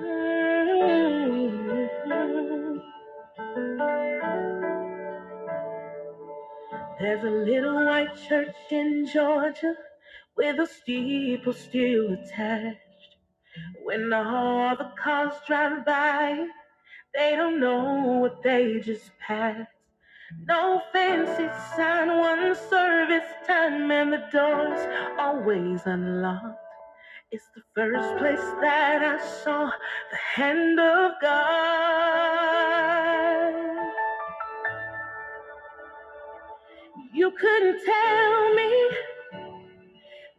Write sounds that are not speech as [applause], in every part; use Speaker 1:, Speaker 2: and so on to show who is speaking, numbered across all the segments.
Speaker 1: There's a little white church in Georgia with a steeple still attached. When all the cars drive by, they don't know what they just passed. No fancy sign, one service time, and the doors always unlocked. It's the first place that I saw the hand of God. You couldn't tell me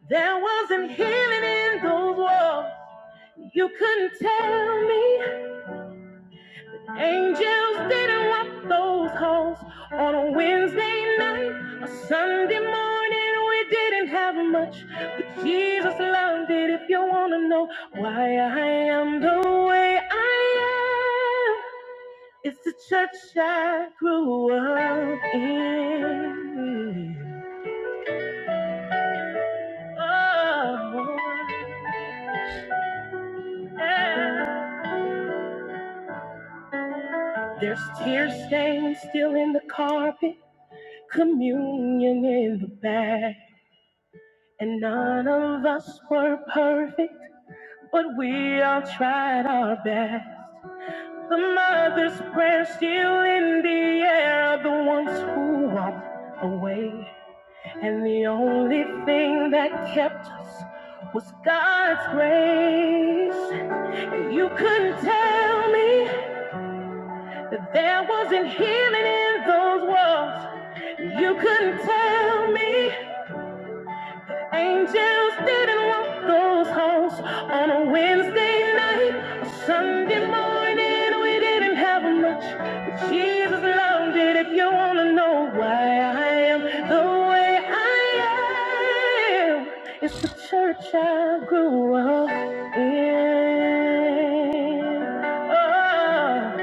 Speaker 1: there wasn't healing in those walls. You couldn't tell me angels didn't walk those halls on a Wednesday night, a Sunday morning. We didn't have much, but Jesus loved it. If you want to know why I am the way I am, it's the church I grew up in. Oh, yeah. There's tear stains still in the carpet, communion in the bag. And none of us were perfect, but we all tried our best. The mother's prayer still in the air of the ones who walked away. And the only thing that kept us was God's grace. And You couldn't tell me. There wasn't healing in those walls. You couldn't tell me. Angels didn't walk those halls on a Wednesday night, a Sunday morning. We didn't have much, but Jesus loved it. If you wanna know why I am the way I am, it's the church I grew up in. Oh.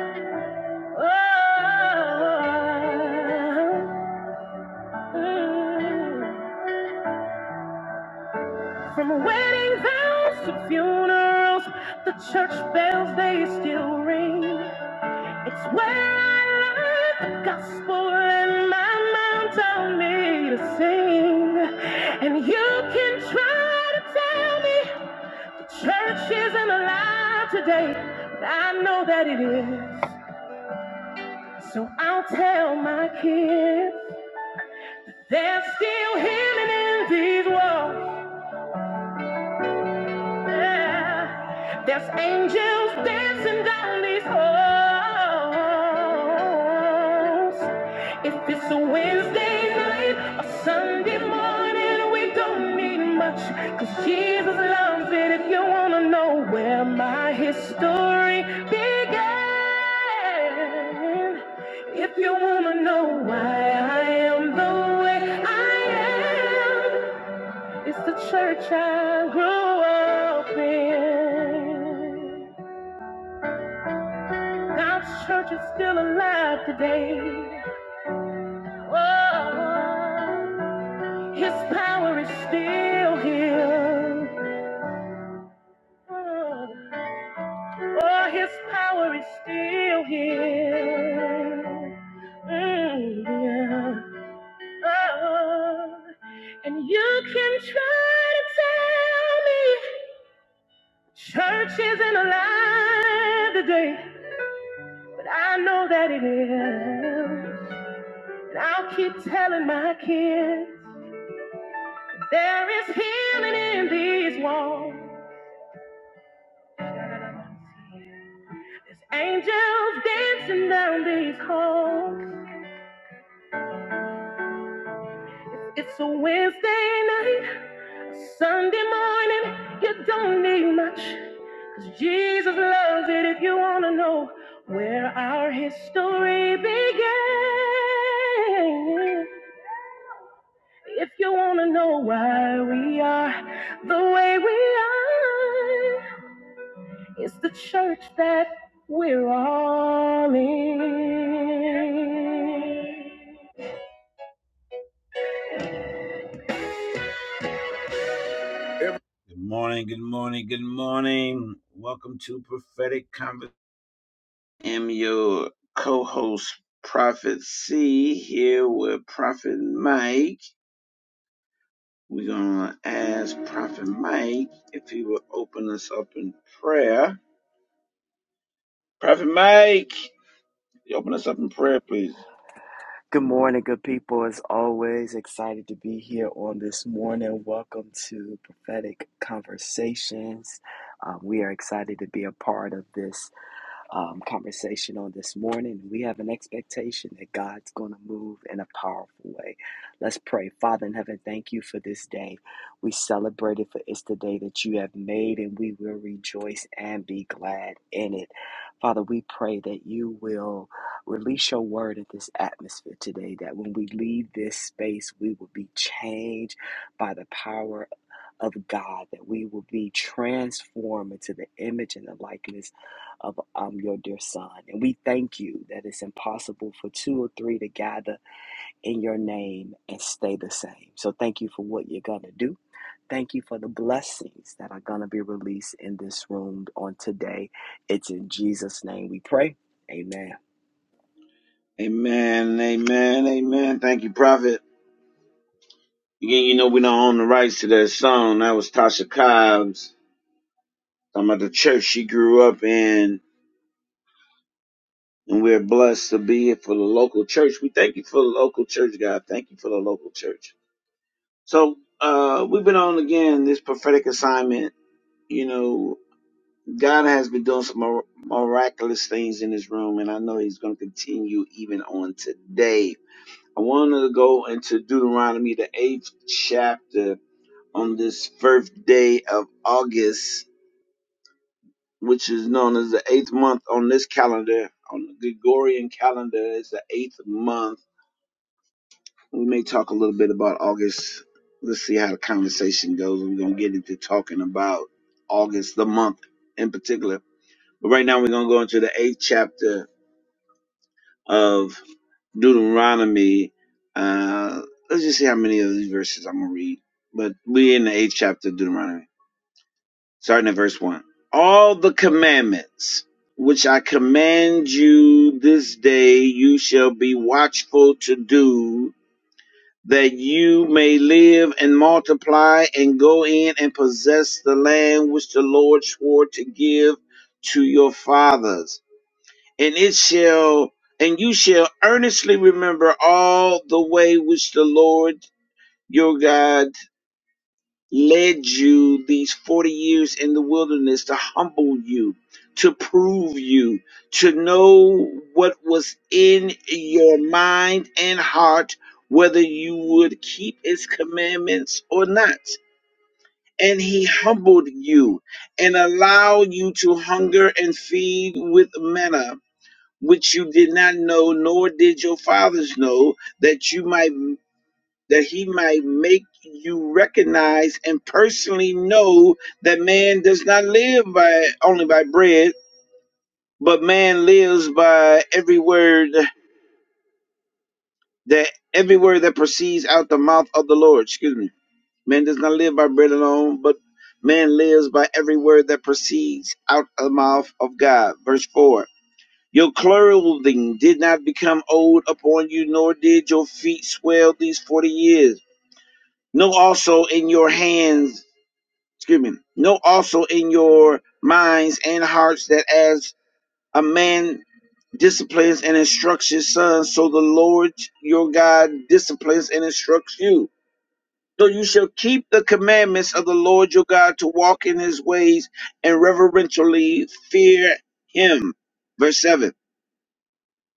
Speaker 1: From wedding vows to funerals, the church bells they still ring. It's where I learned the gospel and my mom taught me to sing. And you can try to tell me the church isn't alive today, but I know that it is. So I'll tell my kids. There's still healing in these walls. Yeah. There's angels dancing down these halls. If it's a Wednesday night or Sunday morning, we don't need much, 'cause Jesus loves it. If you wanna know where my history began, if you wanna know why I am the way I am. It's the church I grew up in. God's church is still alive today. Oh, His power is still here. Oh, oh, His power is still here. Mm, yeah. Oh, and you can try to tell me church isn't alive today. I know that it is. And I'll keep telling my kids there is healing in these walls. There's angels dancing down these halls. It's a Wednesday night, a Sunday morning. You don't need much, 'cause Jesus loves it if you want to know where our history began. If you wanna know why we are the way we are, it's the church that we're all in. Good morning, good morning, good morning. Welcome to Prophetic Conversation. I'm your co-host, Prophet C, here with Prophet Mike. We're gonna ask Prophet Mike if he will open us up in prayer. Prophet Mike. You open us up in prayer, please.
Speaker 2: Good morning, good people. As always, excited to be here on this morning. Welcome to Prophetic Conversations. Uh, we are excited to be a part of this um, conversation on this morning. We have an expectation that God's going to move in a powerful way. Let's pray. Father in heaven, thank you for this day. We celebrate it for it's the day that you have made, and we will rejoice and be glad in it. Father, we pray that you will release your word in this atmosphere today, that when we leave this space, we will be changed by the power of God, that we will be transformed into the image and the likeness of um, your dear son. And we thank you that it's impossible for two or three to gather in your name and stay the same. So thank you for what you're going to do. Thank you for the blessings that are going to be released in this room on today. It's in Jesus' name we pray. Amen.
Speaker 1: Amen, amen, amen. Thank you, Prophet. Again, you know we don't own the rights to that song. That was Tasha Cobbs. Talking about the church she grew up in. And we're blessed to be here for the local church. We thank you for the local church, God. Thank you for the local church. So uh we've been on again this prophetic assignment. You know, God has been doing some mir- miraculous things in this room, and I know He's going to continue even on today. I want to go into Deuteronomy, the eighth chapter, on this first day of August, which is known as the eighth month on this calendar, on the Gregorian calendar. It's the eighth month. We may talk a little bit about August. Let's see how the conversation goes. We're going to get into talking about August, the month in particular. But right now, we're going to go into the eighth chapter of Deuteronomy. Uh, let's just see how many of these verses I'm going to read. But we're in the eighth chapter of Deuteronomy, starting at verse 1. All the commandments which I command you this day, you shall be watchful to do, that you may live and multiply and go in and possess the land which the Lord swore to give to your fathers and it shall and you shall earnestly remember all the way which the Lord your God led you these 40 years in the wilderness to humble you to prove you to know what was in your mind and heart whether you would keep his commandments or not and he humbled you and allowed you to hunger and feed with manna which you did not know, nor did your fathers know, that you might that he might make you recognize and personally know that man does not live by only by bread, but man lives by every word that every word that proceeds out the mouth of the Lord. Excuse me. Man does not live by bread alone, but man lives by every word that proceeds out of the mouth of God. Verse 4. Your clothing did not become old upon you, nor did your feet swell these forty years. Know also in your hands, excuse me, know also in your minds and hearts that as a man disciplines and instructs his son, so the Lord your God disciplines and instructs you. So you shall keep the commandments of the Lord your God to walk in his ways and reverentially fear him. Verse 7.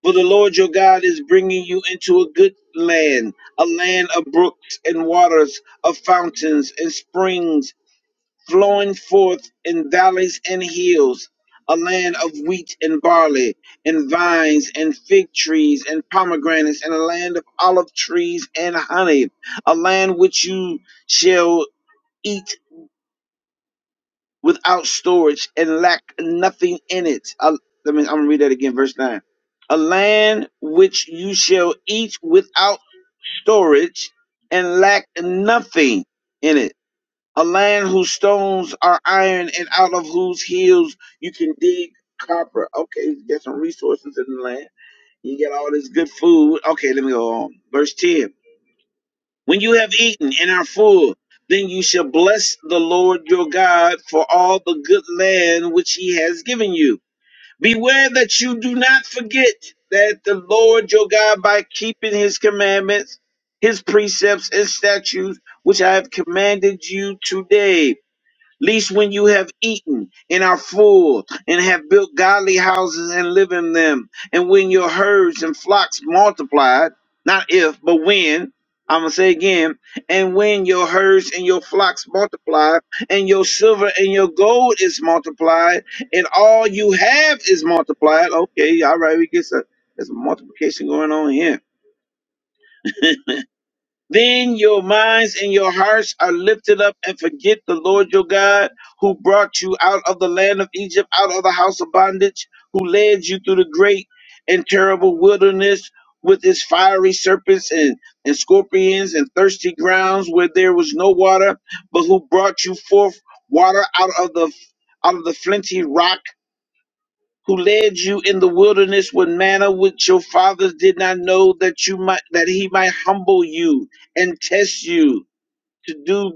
Speaker 1: For the Lord your God is bringing you into a good land, a land of brooks and waters, of fountains and springs flowing forth in valleys and hills, a land of wheat and barley, and vines and fig trees and pomegranates, and a land of olive trees and honey, a land which you shall eat without storage and lack nothing in it. I, let me, I'm gonna read that again, verse 9. A land which you shall eat without storage and lack nothing in it. A land whose stones are iron and out of whose hills you can dig copper. Okay, get some resources in the land. You get all this good food. Okay, let me go on. Verse 10. When you have eaten and are full, then you shall bless the Lord your God for all the good land which he has given you. Beware that you do not forget that the Lord your God, by keeping his commandments, his precepts, and statutes, which I have commanded you today, Least when you have eaten and are full, and have built godly houses and live in them, and when your herds and flocks multiplied, not if, but when, I'm going to say again, and when your herds and your flocks multiplied, and your silver and your gold is multiplied, and all you have is multiplied. Okay, all right, we get some, there's a multiplication going on here then your minds and your hearts are lifted up and forget the Lord your God who brought you out of the land of Egypt, out of the house of bondage, who led you through the great and terrible wilderness with its fiery serpents and, and scorpions and thirsty grounds where there was no water, but who brought you forth water out of the out of the flinty rock who led you in the wilderness with manna which your fathers did not know that you might that he might humble you and test you to do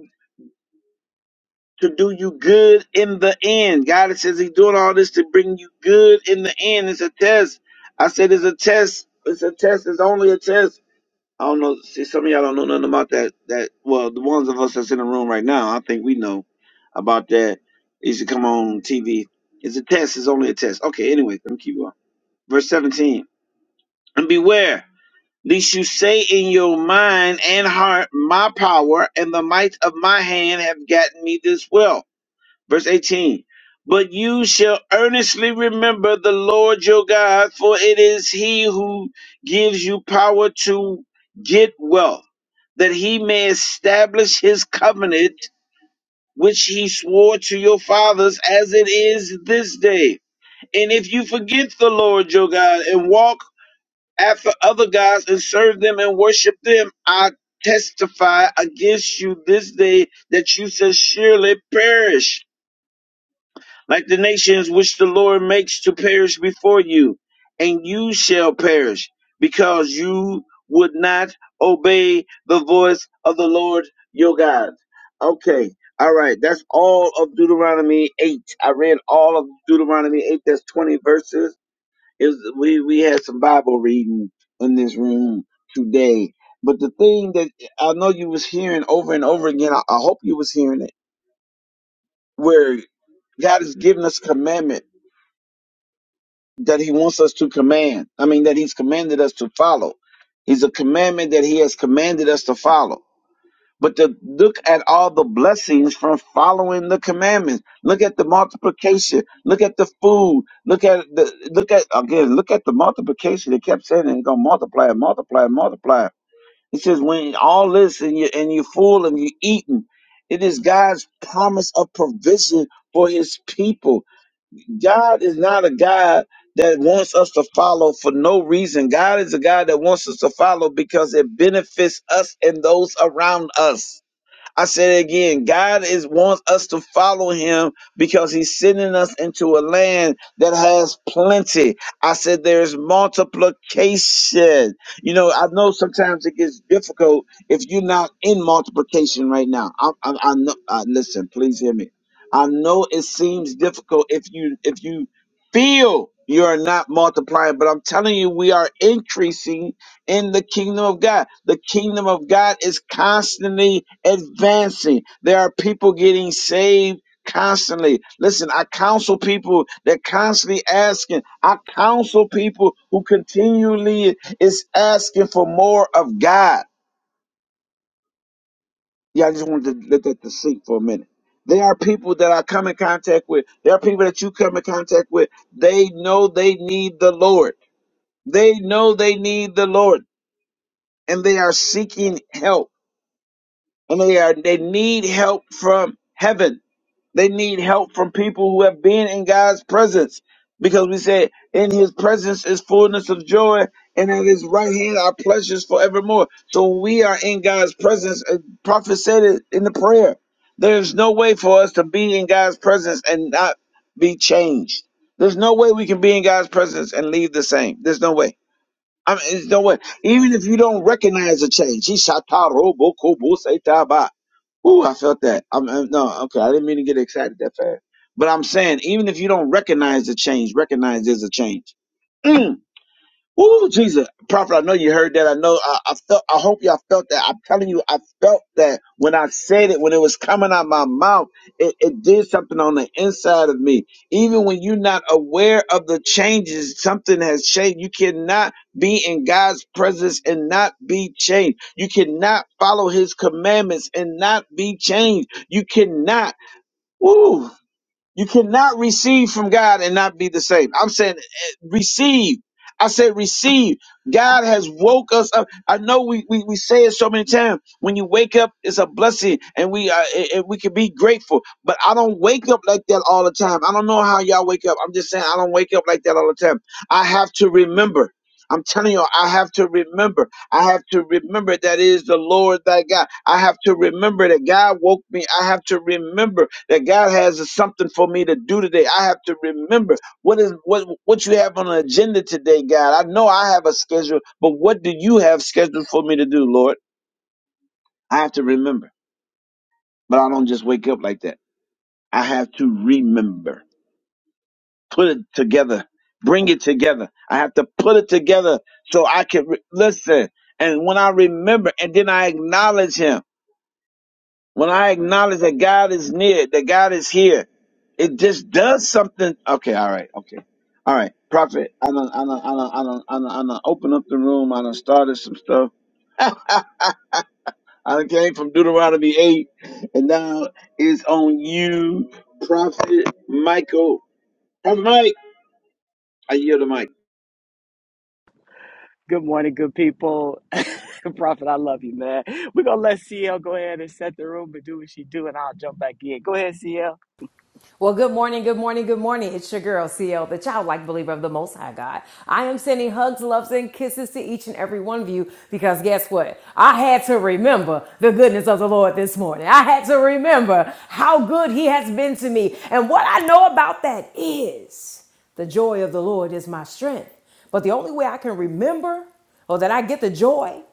Speaker 1: to do you good in the end. God says he's doing all this to bring you good in the end. It's a test. I said it's a test. It's a test. It's only a test. I don't know. See, some of y'all don't know nothing about that. That well, the ones of us that's in the room right now, I think we know about that. It used to come on TV. It's a test. It's only a test. Okay. Anyway, let me keep going. Verse seventeen. And beware, lest you say in your mind and heart, My power and the might of my hand have gotten me this wealth. Verse 18 But you shall earnestly remember the Lord your God, for it is he who gives you power to get wealth, that he may establish his covenant. Which he swore to your fathers as it is this day. And if you forget the Lord your God and walk after other gods and serve them and worship them. I testify against you this day that you shall surely perish, like the nations which the Lord makes to perish before you, and you shall perish, because you would not obey the voice of the Lord your God. Okay. All right, that's all of Deuteronomy 8. I read all of Deuteronomy 8. That's 20 verses it was, we we had some Bible reading in this room today. But the thing that I know you was hearing over and over again, I, I hope you was hearing it, where God has given us commandment that He wants us to command. I mean, that He's commanded us to follow. He's a commandment that He has commanded us to follow. but to look at all the blessings from following the commandments. Look at the multiplication. Look at the food. Look at the look at again. Look at the multiplication. They kept saying it's gonna multiply and multiply and multiply. It says when all this and you and you're full and you're eating. It is God's promise of provision for His people. God is not a God that wants us to follow for no reason. God is a God that wants us to follow because it benefits us and those around us. I said it again, God is wants us to follow him because he's sending us into a land that has plenty. I said there's multiplication. You know, I know sometimes it gets difficult if you're not in multiplication right now. I, I, I know. I, listen, please hear me. I know it seems difficult if you if you feel you are not multiplying, but I'm telling you, we are increasing in the kingdom of God. The kingdom of God is constantly advancing. There are people getting saved constantly. Listen, I counsel people that constantly asking. I counsel people who continually is asking for more of God. Yeah, I just wanted to let that to sink for a minute. There are people that I come in contact with. There are people that you come in contact with. They know they need the Lord. They know they need the Lord and they are seeking help and they are they need help from heaven. They need help from people who have been in God's presence. Because we said in his presence is fullness of joy, and at his right hand are pleasures forevermore. So when we are in God's presence, and prophet said it in the prayer. There's no way for us to be in God's presence and not be changed. There's no way we can be in God's presence and leave the same. There's no way. I mean, it's no way. Even if you don't recognize the change, he shot robo kobo say ba. Ooh, I felt that. I'm, I'm- no, okay, I didn't mean to get excited that fast. But I'm saying, even if you don't recognize the change, recognize there's a change. Mm. Ooh, Jesus, prophet. I know you heard that. I know. I, I felt. I hope y'all felt that. I'm telling you, I felt that when I said it, when it was coming out my mouth, it, it did something on the inside of me. Even when you're not aware of the changes, something has changed. You cannot be in God's presence and not be changed. You cannot follow His commandments and not be changed. You cannot. Ooh. You cannot receive from God and not be the same. I'm saying eh, receive. I said receive. God has woke us up. I know we, we, we say it so many times. When you wake up, it's a blessing and we uh, and we can be grateful. But I don't wake up like that all the time. I don't know how y'all wake up. I'm just saying I don't wake up like that all the time. I have to remember. I'm telling you, I have to remember. I have to remember that it is the Lord thy God. I have to remember that God woke me. I have to remember that God has something for me to do today. I have to remember what is what what you have on the agenda today, God. I know I have a schedule, but what do you have scheduled for me to do, Lord? I have to remember. But I don't just wake up like that. I have to remember. Put it together. Bring it together. I have to put it together so I can re- listen. And when I remember and then I acknowledge him, when I acknowledge that God is near, that God is here, It just does something. Okay, all right, okay, all right. Prophet, I don't, I don't, I don't, I don't, I don't, I don't open up the room. I done started some stuff. [laughs] I done came from Deuteronomy eight, and now it's on you, Prophet Michael. Prophet Mike, I yield the mic.
Speaker 2: Good morning, good people. [laughs] Prophet, I love you, man. We're going to let CL go ahead and set the room and do what she do, and I'll jump back in. Go ahead, CL.
Speaker 3: Well, good morning, good morning, good morning. It's your girl, CL, the childlike believer of the Most High God. I am sending hugs, loves, and kisses to each and every one of you because guess what? I had to remember the goodness of the Lord this morning. I had to remember how good He has been to me. And what I know about that is the joy of the Lord is my strength. But the only way I can remember or that I get the joy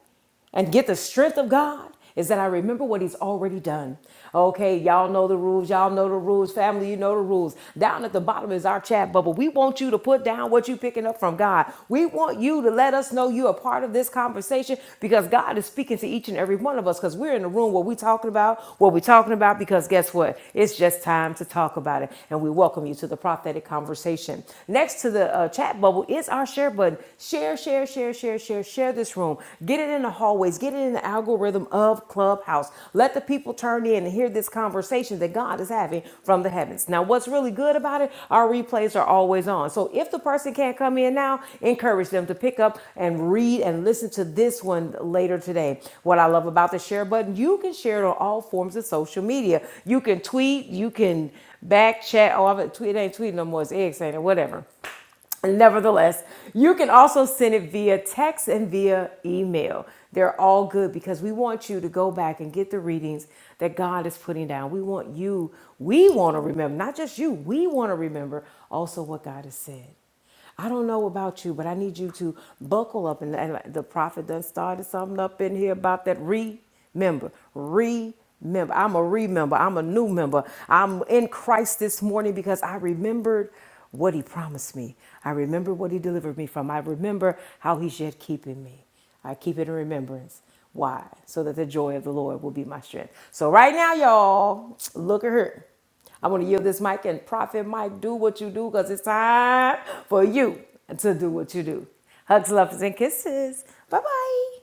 Speaker 3: and get the strength of God is that I remember what he's already done. Okay, y'all know the rules. Y'all know the rules. Family, you know the rules. Down at the bottom is our chat bubble. We want you to put down what you're picking up from God. We want you to let us know you're a part of this conversation because God is speaking to each and every one of us because we're in the room where we're talking about what we're talking about because guess what? It's just time to talk about it. And we welcome you to the prophetic conversation. Next to the uh, chat bubble is our share button. Share share, share, share, share, share, share this room. Get it in the hallways. Get it in the algorithm of Clubhouse. Let the people turn in and hear this conversation that God is having from the heavens. Now, what's really good about it, our replays are always on. So if the person can't come in now, encourage them to pick up and read and listen to this one later today. What I love about the share button, you can share it on all forms of social media. You can tweet, you can back chat, all of it. Tweet it ain't tweeting no more, it's X, ain't it? Whatever. Nevertheless, you can also send it via text and via email. They're all good because we want you to go back and get the readings that God is putting down. We want you, we want to remember, not just you, we want to remember also what God has said. I don't know about you, but I need you to buckle up. And, and the prophet done started something up in here about that re member. Remember. I'm a remember. I'm a new member. I'm in Christ this morning because I remembered what he promised me. I remember what he delivered me from. I remember how he's yet keeping me. I keep it in remembrance. Why? So that the joy of the Lord will be my strength. So right now, y'all, look at her. I want to yield this mic and Prophet Mike, do what you do because it's time for you to do what you do. Hugs, loves, and kisses. Bye bye.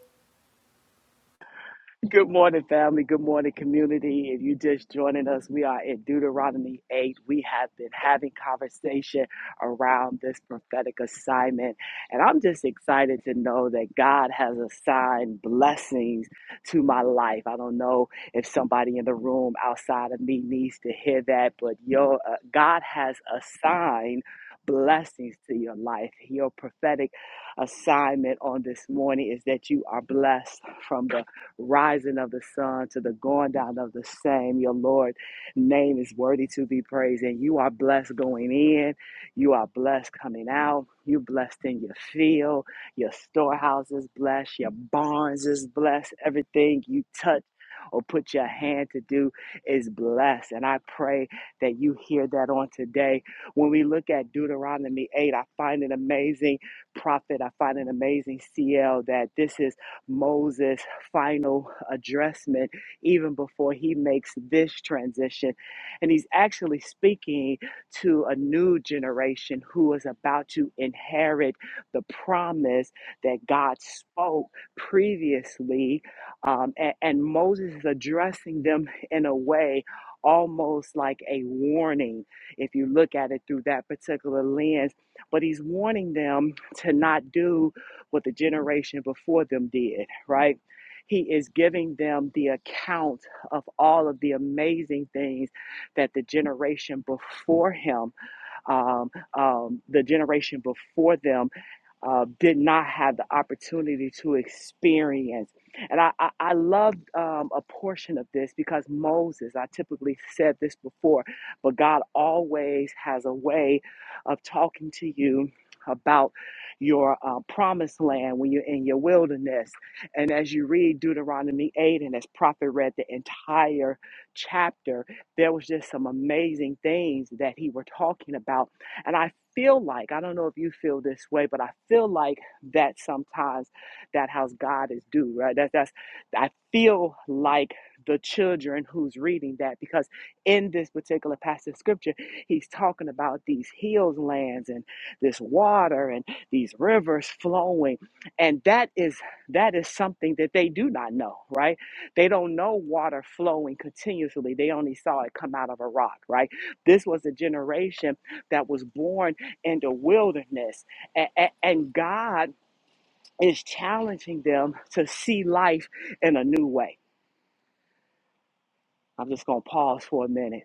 Speaker 2: Good morning, family. Good morning, community. If you just joining us, we are in Deuteronomy 8. We have been having conversation around this prophetic assignment. And I'm just excited to know that God has assigned blessings to my life. I don't know if somebody in the room outside of me needs to hear that, but your uh, God has assigned blessings to your life. Your prophetic assignment on this morning is that you are blessed from the rising of the sun to the going down of the same. Your Lord name is worthy to be praised. And you are blessed going in. You are blessed coming out. You blessed in your field. Your storehouse is blessed. Your barns is blessed. Everything you touch or put your hand to do is blessed. And I pray that you hear that on today. When we look at Deuteronomy 8, I find an amazing prophet. I find an amazing CL that this is Moses' final addressment, even before he makes this transition. And he's actually speaking to a new generation who is about to inherit the promise that God spoke previously. Um, and, and Moses is addressing them in a way almost like a warning if you look at it through that particular lens. But he's warning them to not do what the generation before them did, right? He is giving them the account of all of the amazing things that the generation before him, um, um, the generation before them uh, did not have the opportunity to experience. And I, I, I love um, a portion of this because Moses, I typically said this before, but God always has a way of talking to you about your uh, promised land when you're in your wilderness. And as you read Deuteronomy 8, and as Prophet read the entire chapter, there was just some amazing things that he were talking about and I feel like, I don't know if you feel this way, but I feel like that sometimes that how God is due, right? That, that's, I feel like the children who's reading that because in this particular passage of scripture, he's talking about these hills lands and this water and these rivers flowing. And that is, that is something that they do not know, right? They don't know water flowing continuously. They only saw it come out of a rock, right? This was a generation that was born in the wilderness. A- And God is challenging them to see life in a new way. I'm just going to pause for a minute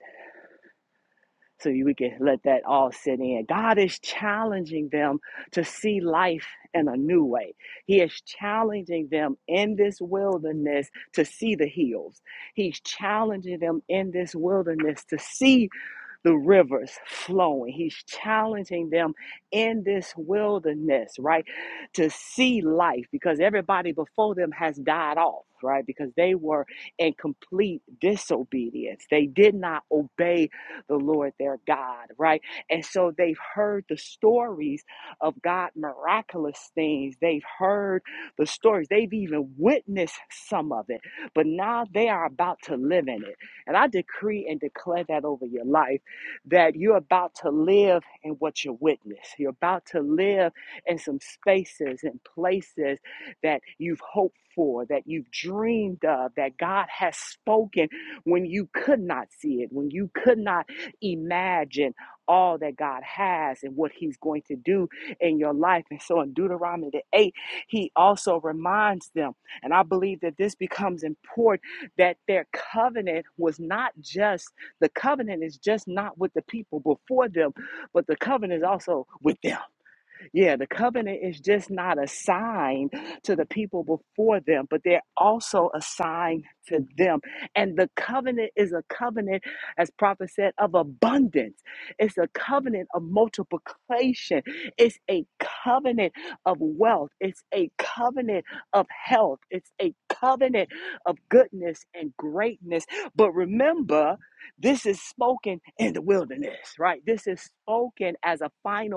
Speaker 2: so we can let that all sit in. God is challenging them to see life in a new way. He is challenging them in this wilderness to see the hills. He's challenging them in this wilderness to see the rivers flowing. He's challenging them in this wilderness, right? To see life because everybody before them has died off, right? Because they were in complete disobedience. They did not obey the Lord their God, right? And so they've heard the stories of God miraculous things. They've heard the stories. They've even witnessed some of it, but now they are about to live in it. And I decree and declare that over your life that you're about to live in what you witness. You're about to live in some spaces and places that you've hoped for, that you've dreamed of, that God has spoken when you could not see it, when you could not imagine all that God has and what He's going to do in your life. And so in Deuteronomy the 8, He also reminds them, and I believe that this becomes important, that their covenant was not just the covenant is just not with the people before them, but the covenant is also with them. Yeah, the covenant is just not a sign to the people before them, but they're also a sign to them. And the covenant is a covenant, as prophet said, of abundance. It's a covenant of multiplication. It's a covenant of wealth. It's a covenant of health. It's a covenant of goodness and greatness. But remember, this is spoken in the wilderness, right? This is spoken as a final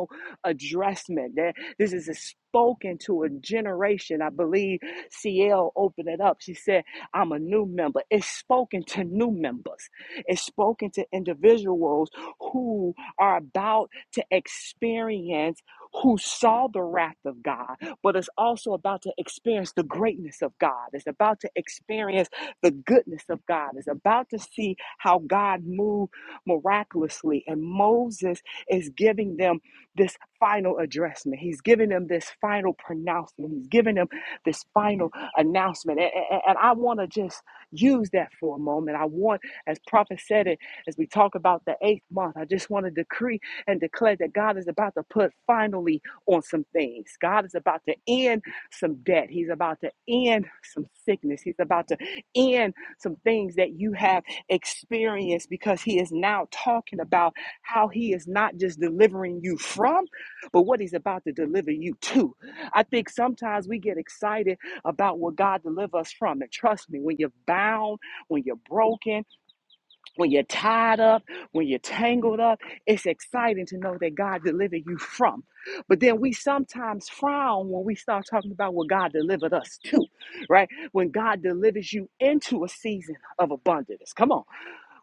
Speaker 2: addressment. That This is a spoken to a generation. I believe CL opened it up. She said, I'm a new member. It's spoken to new members, it's spoken to individuals who are about to experience who saw the wrath of God, but it's also about to experience the greatness of God. It's about to experience the goodness of God. It's about to see how God moved miraculously. And Moses is giving them this final addressment. He's giving them this final pronouncement. He's giving them this final announcement. A- a- And I want to just use that for a moment. I want, as Prophet said it, as we talk about the eighth month, I just want to decree and declare that God is about to put finally on some things. God is about to end some debt. He's about to end some sickness. He's about to end some things that you have experienced because He is now talking about how He is not just delivering you from but what he's about to deliver you to. I think sometimes we get excited about what God delivers us from. And trust me, when you're bound, when you're broken, when you're tied up, when you're tangled up, it's exciting to know that God delivered you from. But then we sometimes frown when we start talking about what God delivered us to, right? When God delivers you into a season of abundance. Come on.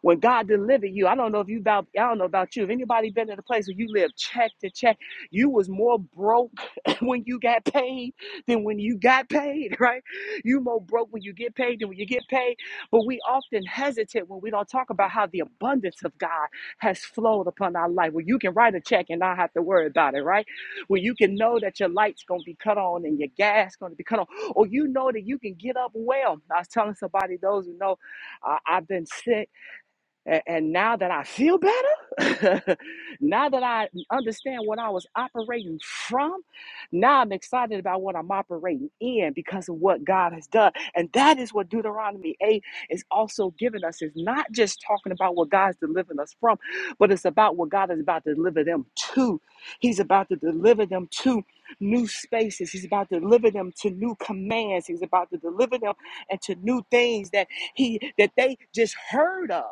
Speaker 2: When God delivered you, I don't know if you about I don't know about you. If anybody been in a place where you lived check to check, you was more broke [laughs] when you got paid than when you got paid, [laughs] right? You more broke when you get paid than when you get paid. But we often hesitate when we don't talk about how the abundance of God has flowed upon our life. Where you can write a check and not have to worry about it, right? Where you can know that your light's gonna be cut on and your gas gonna be cut on, or you know that you can get up well. I was telling somebody, those who know, uh, I've been sick a- And now that I feel better, [laughs] now that I understand what I was operating from, now I'm excited about what I'm operating in because of what God has done. And that is what Deuteronomy 8 is also giving us. It's not just talking about what God's delivering us from, but it's about what God is about to deliver them to. He's about to deliver them to new spaces. He's about to deliver them to new commands. He's about to deliver them and to new things that he that they just heard of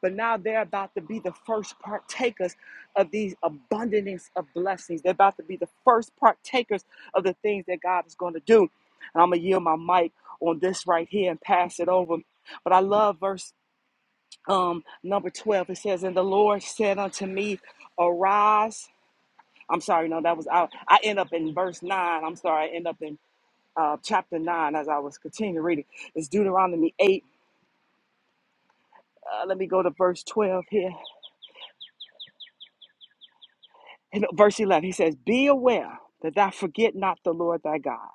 Speaker 2: but now they're about to be the first partakers of these abundance of blessings. They're about to be the first partakers of the things that God is going to do. And I'm going to yield my mic on this right here and pass it over. But I love verse um, number 12. It says, And the Lord said unto me, Arise. I'm sorry, no, that was out. I end up in verse 9. I'm sorry, I end up in uh, chapter 9 as I was continuing reading. It's Deuteronomy 8. Uh, let me go to verse 12 here. And verse 11, he says, Be aware that thou forget not the Lord thy God,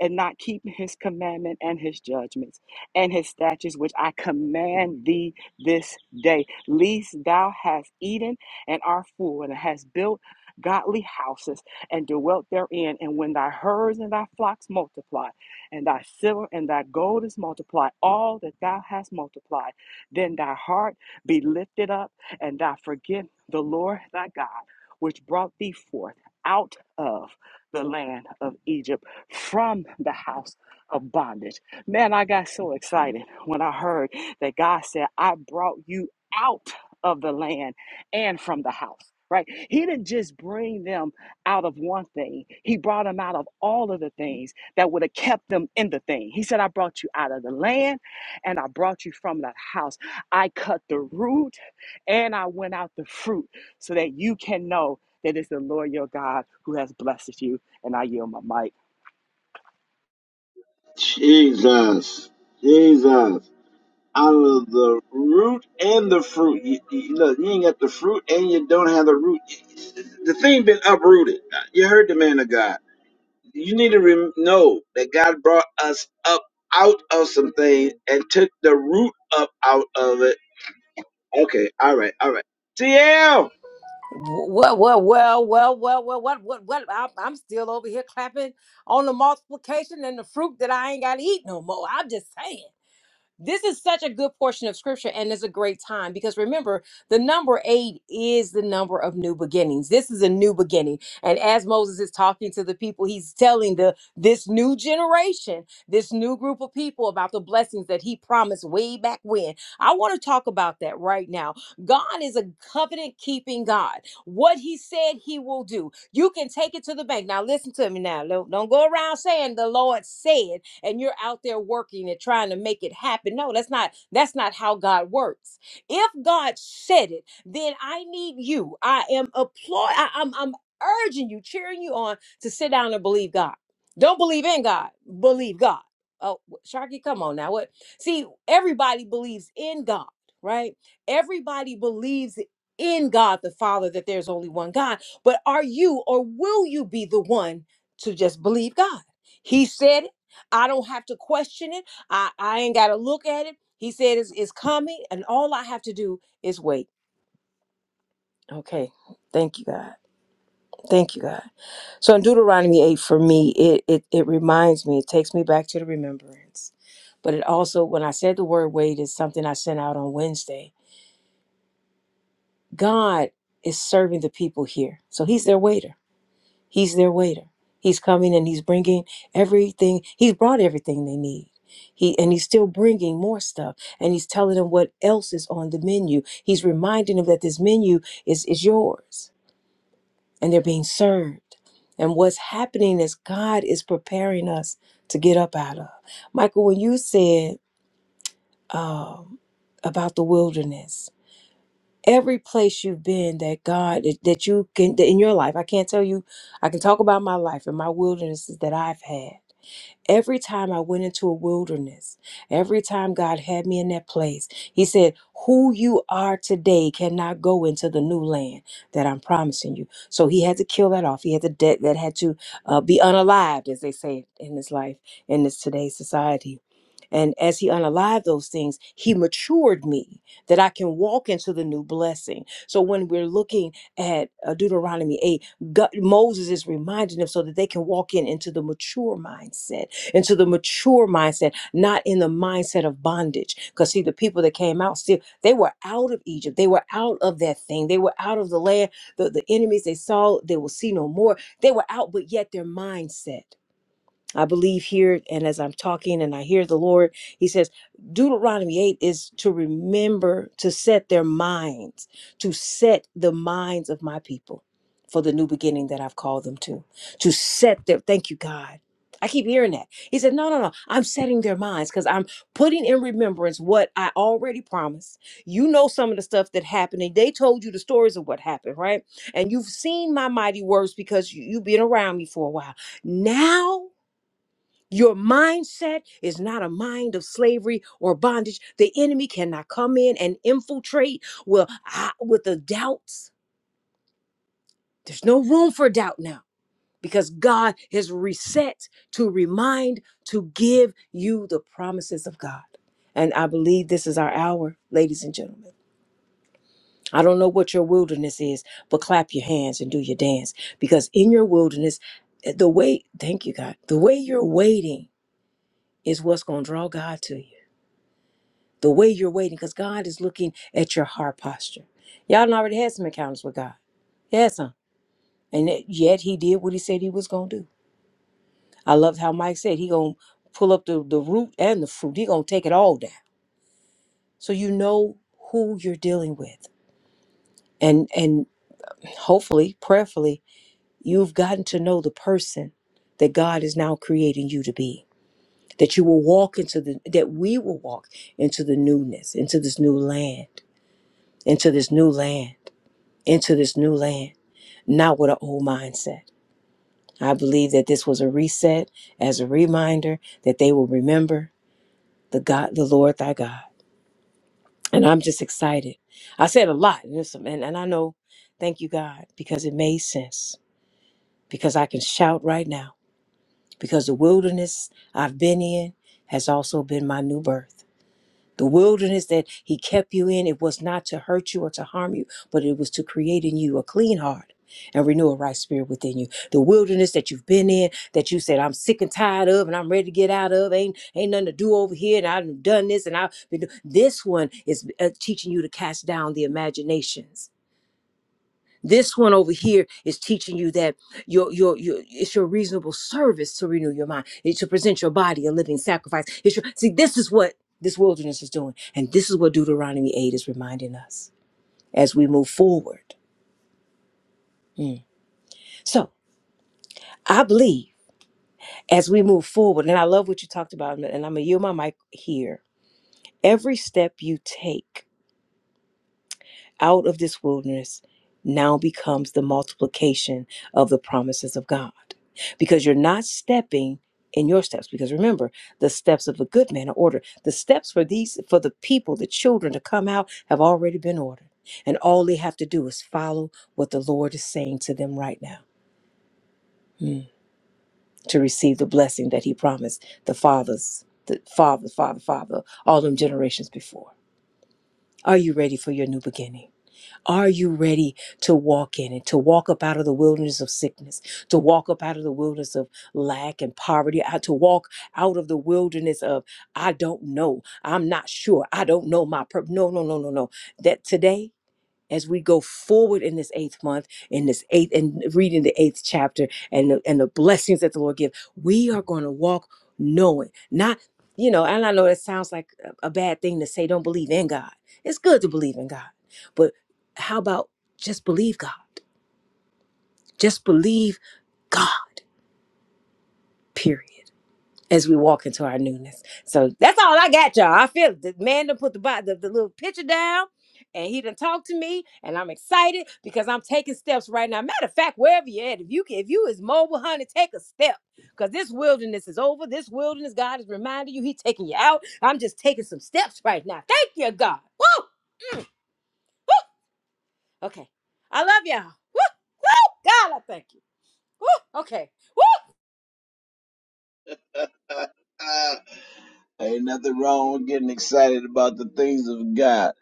Speaker 2: and not keep his commandment and his judgments and his statutes, which I command thee this day, lest thou hast eaten and art full, and hast built godly houses and dwelt therein. And when thy herds and thy flocks multiply, and thy silver and thy gold is multiplied, all that thou hast multiplied, then thy heart be lifted up, and thou forget the Lord thy God which brought thee forth out of the land of Egypt from the house of bondage. Man, I got so excited when I heard that God said, I brought you out of the land and from the house. Right? He didn't just bring them out of one thing. He brought them out of all of the things that would have kept them in the thing. He said, I brought you out of the land and I brought you from that house. I cut the root and I went out the fruit so that you can know that it's the Lord your God who has blessed you. And I yield my mic.
Speaker 1: Jesus, Jesus, out of the root and the fruit. You, you, look, you ain't got the fruit, and you don't have the root. The thing been uprooted. You heard the man of God. you need to rem- know that God brought us up out of some things and took the root up out of it. Okay, all right, all right. TL!
Speaker 3: Well, well, well, well, well, well, what, what, what? I'm, I'm still over here clapping on the multiplication and the fruit that I ain't got to eat no more. I'm just saying. This is such a good portion of scripture and it's a great time because remember, the number eight is the number of new beginnings. This is a new beginning. And as Moses is talking to the people, he's telling the this new generation, this new group of people about the blessings that he promised way back when. I want to talk about that right now. God is a covenant keeping God. What he said he will do, you can take it to the bank. Now listen to me now. Don't don't go around saying the Lord said and you're out there working and trying to make it happen. No, that's not that's not how God works. If God said it, then I need you. I am applaud I, I'm I'm urging you, cheering you on to sit down and believe God. Don't believe in God, believe God. Oh, Sharky, come on now. What? See, everybody believes in God, right? Everybody believes in God the Father that there's only one God. But are you or will you be the one to just believe God? He said it. I don't have to question it. I, I ain't got to look at it. He said it's, it's coming, and all I have to do is wait. Okay. Thank you, God. Thank you, God. So in Deuteronomy 8, for me, it, it, it reminds me, it takes me back to the remembrance. But it also, when I said the word wait, is something I sent out on Wednesday. God is serving the people here. So he's their waiter. He's their waiter. He's coming and he's bringing everything. He's brought everything they need. He and he's still bringing more stuff and he's telling them what else is on the menu. He's reminding them that this menu is is yours and they're being served. And what's happening is God is preparing us to get up out of. Michael, when you said um, about the wilderness, every place you've been that God that you can that in your life. I can't tell you. I can talk about my life and my wildernesses that I've had. Every time I went into a wilderness, every time God had me in that place, He said, Who you are today cannot go into the new land that I'm promising you. So He had to kill that off. He had to, that, that had to uh, be unalived, as they say in this life, in this today's society. And as he unalived those things, he matured me that I can walk into the new blessing. So when we're looking at uh, Deuteronomy 8, God, Moses is reminding them so that they can walk in into the mature mindset into the mature mindset, not in the mindset of bondage. Because see, the people that came out still, they were out of Egypt. They were out of that thing. They were out of the land. The, the enemies they saw, they will see no more. They were out, but yet their mindset. I believe here, and as I'm talking and I hear the Lord, He says, Deuteronomy 8 is to remember to set their minds, to set the minds of my people for the new beginning that I've called them to, to set their, thank you, God. I keep hearing that. He said, No, no, no. I'm setting their minds because I'm putting in remembrance what I already promised. You know some of the stuff that happened, and they told you the stories of what happened, right? And you've seen my mighty words because you, you've been around me for a while. Now your mindset is not a mind of slavery or bondage. The enemy cannot come in and infiltrate well I, with the doubts. There's no room for doubt now because God has reset to remind to give you the promises of God. And I believe this is our hour, ladies and gentlemen. I don't know what your wilderness is, but clap your hands and do your dance because in your wilderness, eh, the way, thank you, God, the way you're waiting is what's going to draw God to you. the way you're waiting, because God is looking at your heart posture. Y'all done already had some encounters with God. He had some. And yet yet he did what he said he was gonna do. I loved how Mike said he gonna pull up the, the root and the fruit. He gonna take it all down. So you know who you're dealing with. And and hopefully, prayerfully, you've gotten to know the person that God is now creating you to be. That you will walk into the that we will walk into the newness, into this new land, into this new land. into this new land, not with an old mindset. I believe that this was a reset as a reminder that they will remember the God, the Lord thy God. And I'm just excited. I said a lot, and, it's- and and I know, thank you, God, because it made sense. Because I can shout right now. Because the wilderness I've been in has also been my new birth. The wilderness that he kept you in, it was not to hurt you or to harm you, but it was to create in you a clean heart and renew a right spirit within you. The wilderness that you've been in, that you said, I'm sick and tired of and I'm ready to get out of, ain't ain't nothing to do over here, and I've done this and I've been do-" this one is uh, teaching you to cast down the imaginations this one over here is teaching you that your your your it's your reasonable service to renew your mind. It's to present your body a living sacrifice. It's your, see, this is what this wilderness is doing, and this is what Deuteronomy eight is reminding us as we move forward. Mm. So I believe as we move forward, and I love what you talked about, and I'm gonna yield my mic here. Every step you take out of this wilderness now becomes the multiplication of the promises of God. Because you're not stepping in your steps. Because remember, the steps of a good man are ordered. The steps for these for the people, the children to come out have already been ordered. And all they have to do is follow what the Lord is saying to them right now. mm, To receive the blessing that He promised the fathers, the father, father, father, all them generations before. Are you ready for your new beginning? Are you ready to walk in it, to walk up out of the wilderness of sickness, to walk up out of the wilderness of lack and poverty, out- to walk out of the wilderness of I don't know, I'm not sure, I don't know my purpose. No, no, no, no, no. That today as we go forward in this eighth month, in this eighth, and reading the eighth chapter and the, and the blessings that the Lord give, we are going to walk knowing, not, you know, and I know that sounds like a a bad thing to say, don't believe in God. It's good to believe in God, but how about just believe God? Just believe God, period. as we walk into our newness. So that's all I got, y'all. I feel the man done put the, bo- the the little picture down and he done talked to me and I'm excited because I'm taking steps right now. Matter of fact, wherever you're at, if you can, if you is mobile, honey, take a step. Because this wilderness is over. This wilderness, God is reminding you, He taking you out. I'm just taking some steps right now. Thank you, God. Woo! Woo! Okay. I love y'all. Woo! Woo! God, I thank you. Woo! Okay. Woo!
Speaker 1: [laughs] Ain't nothing wrong with getting excited about the things of God.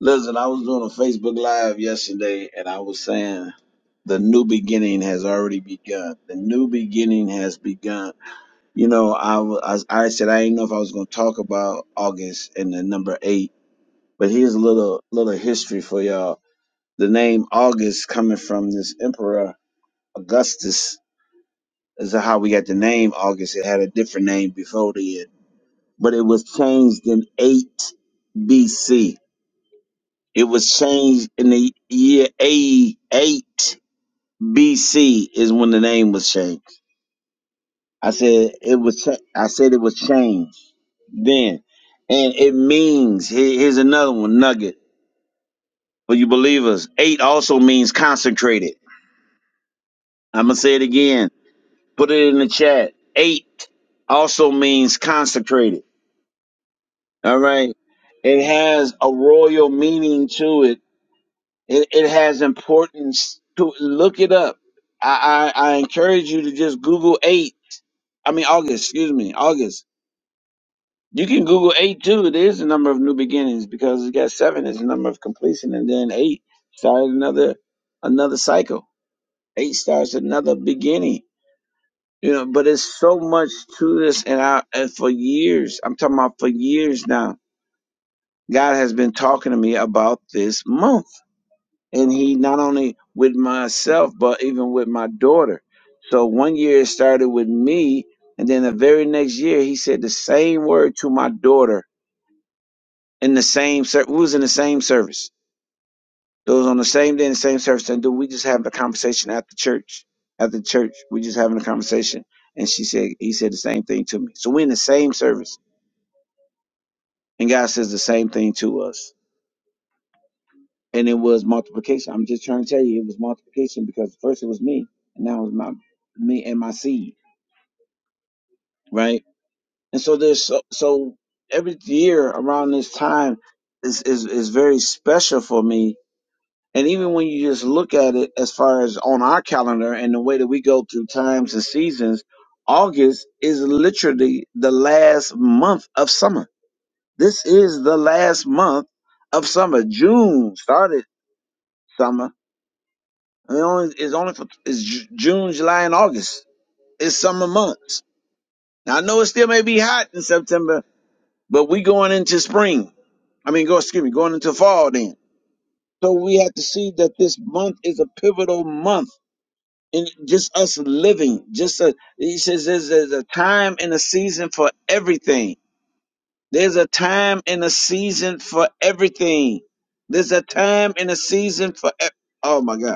Speaker 1: Listen, I was doing a Facebook Live yesterday and I was saying the new beginning has already begun. The new beginning has begun. You know, I, wa- I, I said I didn't know if I was going to talk about August and the number eight But here's a little little history for y'all. The name August coming from this emperor Augustus is how we got the name August. It had a different name before then, but it was changed in eight BC. It was changed in the year A eight BC is when the name was changed. I said it was. Cha- I said it was changed then. And it means here- here's another one nugget for you believers. Eight also means consecrated. I'm gonna say it again. Put it in the chat. Eight also means consecrated. All right. It has a royal meaning to it. It, it has importance to look it up. I, I I encourage you to just Google eight. I mean August. Excuse me, August. You can Google eight too. It is the number of new beginnings because it got seven is the number of completion, and then eight started another another cycle. Eight starts another beginning You know, but it's so much to this, and I and for years, I'm talking about for years now. God has been talking to me about this month, and He not only with myself, but even with my daughter. So one year it started with me, and then the very next year He said the same word to my daughter in the same. ser- We was in the same service. It was on the same day and same service. And dude, we just having a conversation at the church. At the church, we just having a conversation. And she said, he said the same thing to me. So we in the same service. And God says the same thing to us. And it was multiplication. I'm just trying to tell you, it was multiplication because first it was me, and now it's my me and my seed, right? And so there's so, so every year around this time is, is is very special for me And even when you just look at it as far as on our calendar and the way that we go through times and seasons, August is literally the last month of summer. This is the last month of summer. June started summer. and It only, it's only for it's Ju- June, July, and August. It's summer months. Now, I know it still may be hot in September, but we going into spring. I mean, go excuse me, going into fall then. So we have to see that this month is a pivotal month and just us living just a, he says there's, there's a time and a season for everything there's a time and a season for everything there's a time and a season for e- oh my god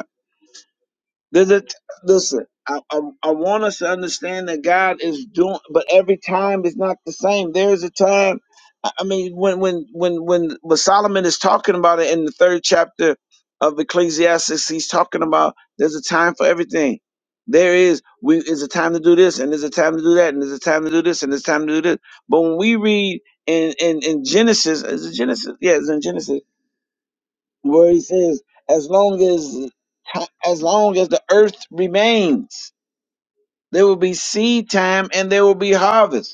Speaker 1: there's a, listen, I, I, I want us to understand that God is doing, but every time is not the same. There's a time, I I mean, when when when when when Solomon is talking about it in the third chapter of Ecclesiastes, he's talking about there's a time for everything. There is we is a time to do this, and there's a time to do that, and there's a time to do this, and there's time to do this. But when we read in in, in Genesis, is it Genesis? Yeah, it's in Genesis where he says, as long as as long as the earth remains, there will be seed time and there will be harvest.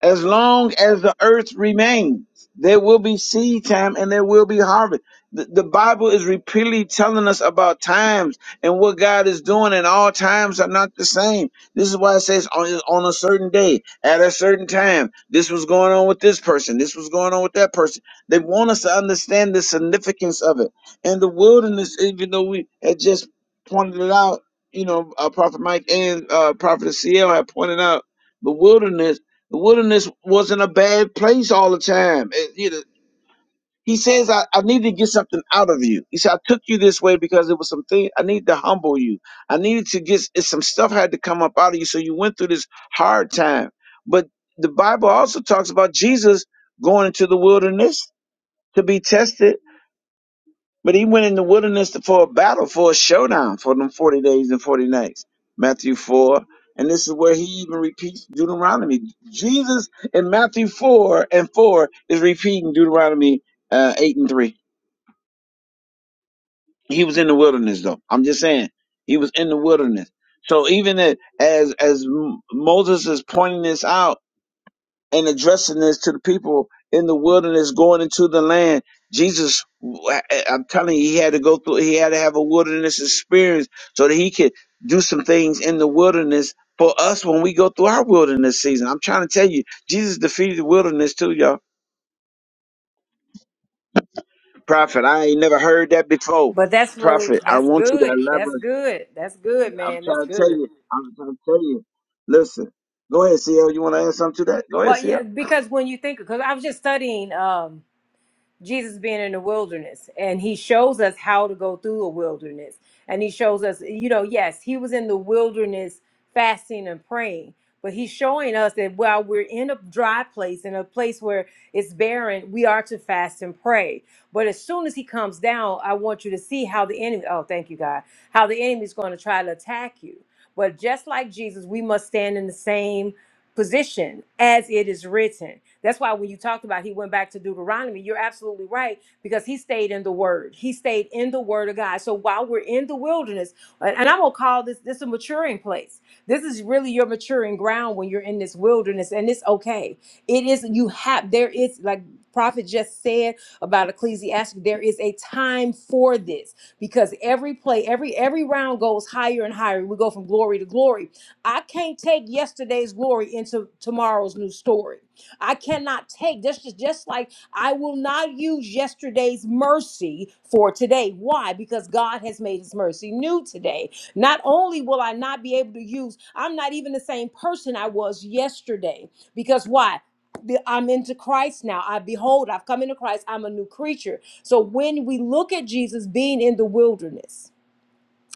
Speaker 1: As long as the earth remains, there will be seed time and there will be harvest. The, the Bible is repeatedly telling us about times and what God is doing, and all times are not the same. This is why it says on, on a certain day, at a certain time, this was going on with this person, this was going on with that person. They want us to understand the significance of it. And the wilderness, even though we had just pointed it out, you know, uh, Prophet Mike and uh, Prophet CL had pointed out the wilderness the wilderness wasn't a bad place all the time. It- you know, he says, I, I need to get something out of you. He said, I took you this way because it was some thing I need to humble you. I needed to get it's some stuff had to come up out of you. So you went through this hard time. But the Bible also talks about Jesus going into the wilderness to be tested but he went in the wilderness for a battle, for a showdown for them 40 days and 40 nights. Matthew 4. And this is where he even repeats Deuteronomy. Jesus in Matthew 4 and 4 is repeating Deuteronomy uh, 8 and 3. He was in the wilderness, though. I'm just saying. He was in the wilderness. So even as as Moses is pointing this out, and addressing this to the people in the wilderness going into the land. Jesus, I- I'm telling you, he had to go through, he had to have a wilderness experience so that he could do some things in the wilderness for us when we go through our wilderness season. I'm trying to tell you, Jesus defeated the wilderness too, y'all. Prophet, I ain't never heard that before.
Speaker 3: But that's really
Speaker 1: Prophet, I
Speaker 3: that's
Speaker 1: want you to
Speaker 3: good. That's
Speaker 1: elaborate.
Speaker 3: good. That's good,
Speaker 1: I'm
Speaker 3: man. That's
Speaker 1: trying to tell
Speaker 3: good.
Speaker 1: you, I'm trying to tell you. Listen, go ahead, CL. You want to add something to that? Go ahead,
Speaker 3: Well,
Speaker 1: CL.
Speaker 3: yeah, because when you think, because I was just studying um, Jesus being in the wilderness, and he shows us how to go through a wilderness. And he shows us, you know, yes, he was in the wilderness fasting and praying, but he's showing us that while we're in a dry place, in a place where it's barren, we are to fast and pray. But as soon as he comes down, I want you to see how the enemy, oh, thank you, God, how the enemy is going to try to attack you. But just like Jesus, we must stand in the same position as it is written. That's why when you talked about he went back to Deuteronomy, you're absolutely right because he stayed in the word. He stayed in the word of God. So while we're in the wilderness, and and I'm going to call this this a maturing place. This is really your maturing ground when you're in this wilderness and it's okay. It is you have there is like prophet just said about Ecclesiastes there is a time for this because every play every every round goes higher and higher. We go from glory to glory I can't take yesterday's glory into tomorrow's new story. I cannot take this is just like I will not use yesterday's mercy for today. Why? Because God has made his mercy new today. Not only will I not be able to use, I'm not even the same person I was yesterday. Because why? Be- I'm into Christ now. I behold, I've come into Christ. I'm a new creature. So when we look at Jesus being in the wilderness,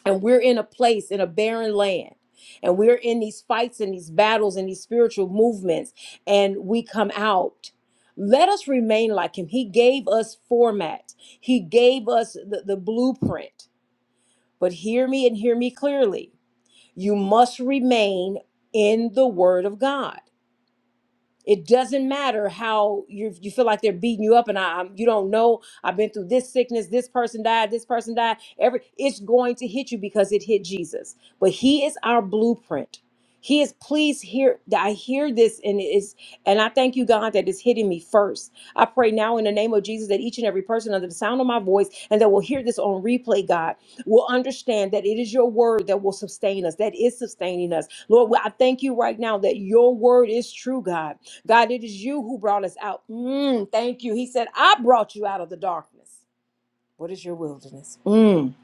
Speaker 3: and we're in a place in a barren land and we're in these fights and these battles and these spiritual movements and we come out let us remain like him he gave us format he gave us the, the blueprint but hear me and hear me clearly you must remain in the word of god it doesn't matter how you you feel like they're beating you up, and I I'm, you don't know. I've been through this sickness. This person died. This person died. Every it's going to hit you because it hit Jesus. But He is our blueprint. He is. Please hear. I hear this, and it's and I thank you, God, that it's hitting me first. I pray now in the name of Jesus that each and every person under the sound of my voice and that will hear this on replay, God, will understand that it is your word that will sustain us. That is sustaining us, Lord. I thank you right now that your word is true, God. God, it is you who brought us out. Mm, thank you. He said, I brought you out of the darkness. What is your wilderness? Mm.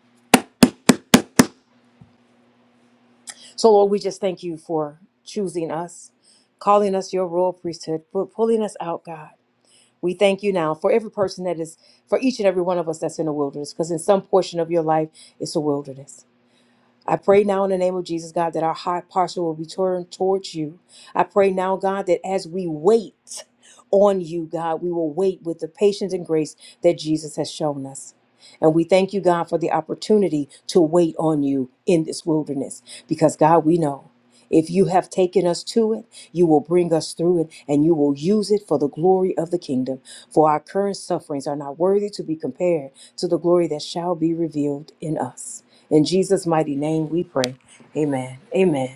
Speaker 3: So, Lord, we just thank you for choosing us, calling us your royal priesthood, for pulling us out, God. We thank you now for every person that is, for each and every one of us that's in the wilderness, because in some portion of your life, it's a wilderness. I pray now in the name of Jesus, God, that our heart posture will be turned towards you. I pray now, God, that as we wait on you, God, we will wait with the patience and grace that Jesus has shown us. And we thank you, God, for the opportunity to wait on you in this wilderness because, God, we know. If you have taken us to it, you will bring us through it and you will use it for the glory of the kingdom. For our current sufferings are not worthy to be compared to the glory that shall be revealed in us. In Jesus' mighty name we pray. Amen. Amen.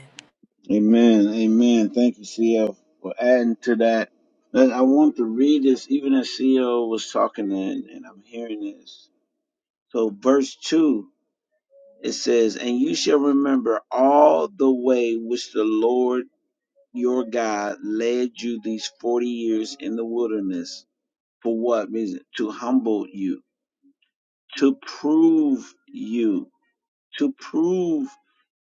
Speaker 1: Amen. Amen. Thank you, CL, for adding to that. And I want to read this even as CL was talking and, and I'm hearing this. So verse two, it says, And you shall remember all the way which the Lord your God led you these forty years in the wilderness. For what reason? To humble you, to prove you to prove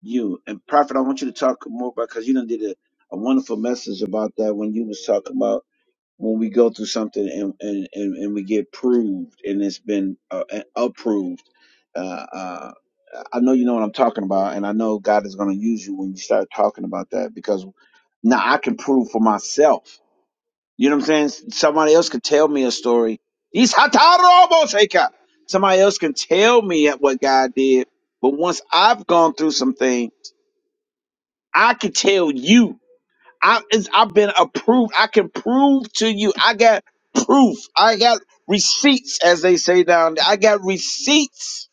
Speaker 1: you. And Prophet, I want you to talk more about because you done did a, a wonderful message about that when you was talking about when we go through something and and, and, and we get proved and it's been uh, uh, approved. Uh, uh, I know you know what I'm talking about, and I know God is going to use you when you start talking about that because now I can prove for myself you know what I'm saying? Somebody else could tell me a story. He's Hatarobo Shaker. Somebody else can tell me what God did. But once I've gone through something, I can tell you. I, it's, I've been approved. I can prove to you. I got proof. I got receipts, as they say down there. I got receipts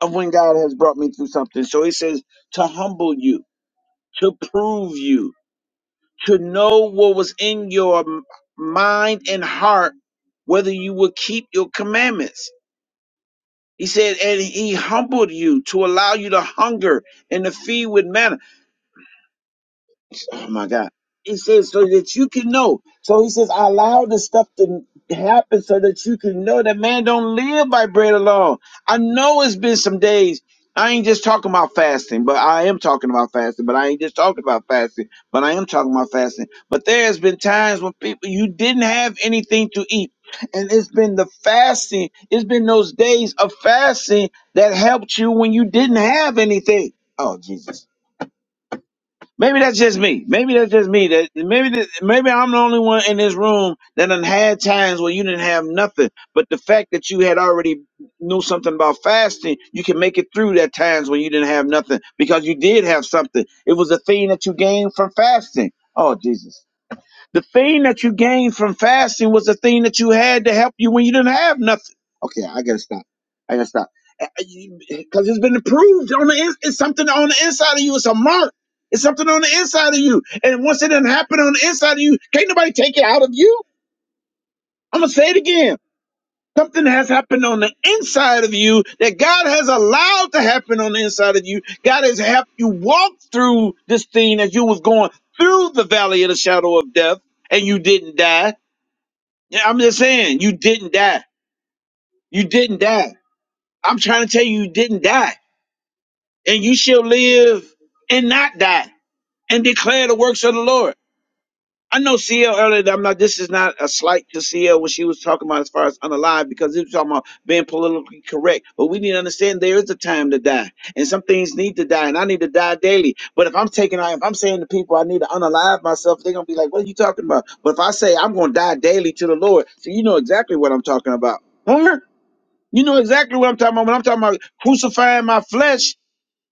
Speaker 1: of when God has brought me through something. So he says to humble you, to prove you. to know what was in your m- mind and heart, whether you would keep your commandments. He said, and he humbled you to allow you to hunger and to feed with manna oh my God. He says, so that you can know. So he says, I allow this stuff to happen so that you can know that man don't live by bread alone. I know it's been some days. I ain't just talking about fasting, but I am talking about fasting, but I ain't just talking about fasting, but I am talking about fasting. But there has been times when people, you didn't have anything to eat. And it's been the fasting, it's been those days of fasting that helped you when you didn't have anything. Oh, Jesus. Maybe that's just me. Maybe that's just me. That maybe that, maybe I'm the only one in this room that done had times where you didn't have nothing. But the fact that you had already knew something about fasting, you can make it through that times when you didn't have nothing because you did have something. It was a thing that you gained from fasting. Oh Jesus. The thing that you gained from fasting was the thing that you had to help you when you didn't have nothing. Okay, I gotta stop. I gotta stop. Because it's been approved on the in, it's something on the inside of you. It's a mark. It's something on the inside of you. And once it didn't happen on the inside of you, can't nobody take it out of you. I'm gonna say it again. Something has happened on the inside of you that God has allowed to happen on the inside of you. God has helped you walk through this thing as you was going through the valley of the shadow of death and you didn't die yeah, I'm just saying, you didn't die. You didn't die. I'm trying to tell you, you didn't die. And you shall live and not die and declare the works of the Lord. I know CL earlier, that I'm not, this is not a slight to CL what she was talking about as far as unalive because it was talking about being politically correct. But we need to understand there is a time to die and some things need to die and I need to die daily. But if I'm taking, if I'm saying to people I need to unalive myself, they're going to be like, what are you talking about? But if I say I'm going to die daily to the Lord, so you know exactly what I'm talking about. Huh? You know exactly what I'm talking about. When I'm talking about crucifying my flesh,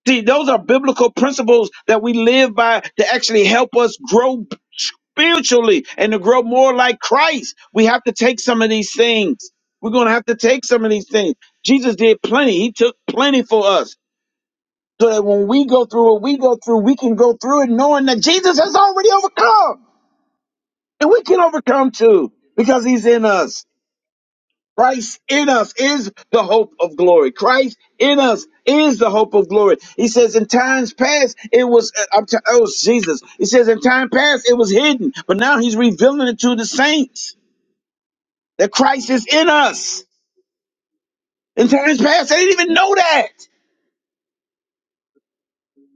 Speaker 1: see, those are biblical principles that we live by to actually help us grow spiritually and to grow more like Christ. We have to take some of these things. We're going to have to take some of these things. Jesus did plenty, He took plenty for us. So that when we go through what we go through, we can go through it knowing that Jesus has already overcome. And we can overcome too because He's in us. Christ in us is the hope of glory. Christ in us is the hope of glory. He says, in times past, it was, uh, I'm t- oh, Jesus. He says, in time past, it was hidden, but now he's revealing it to the saints that Christ is in us. In times past, they didn't even know that.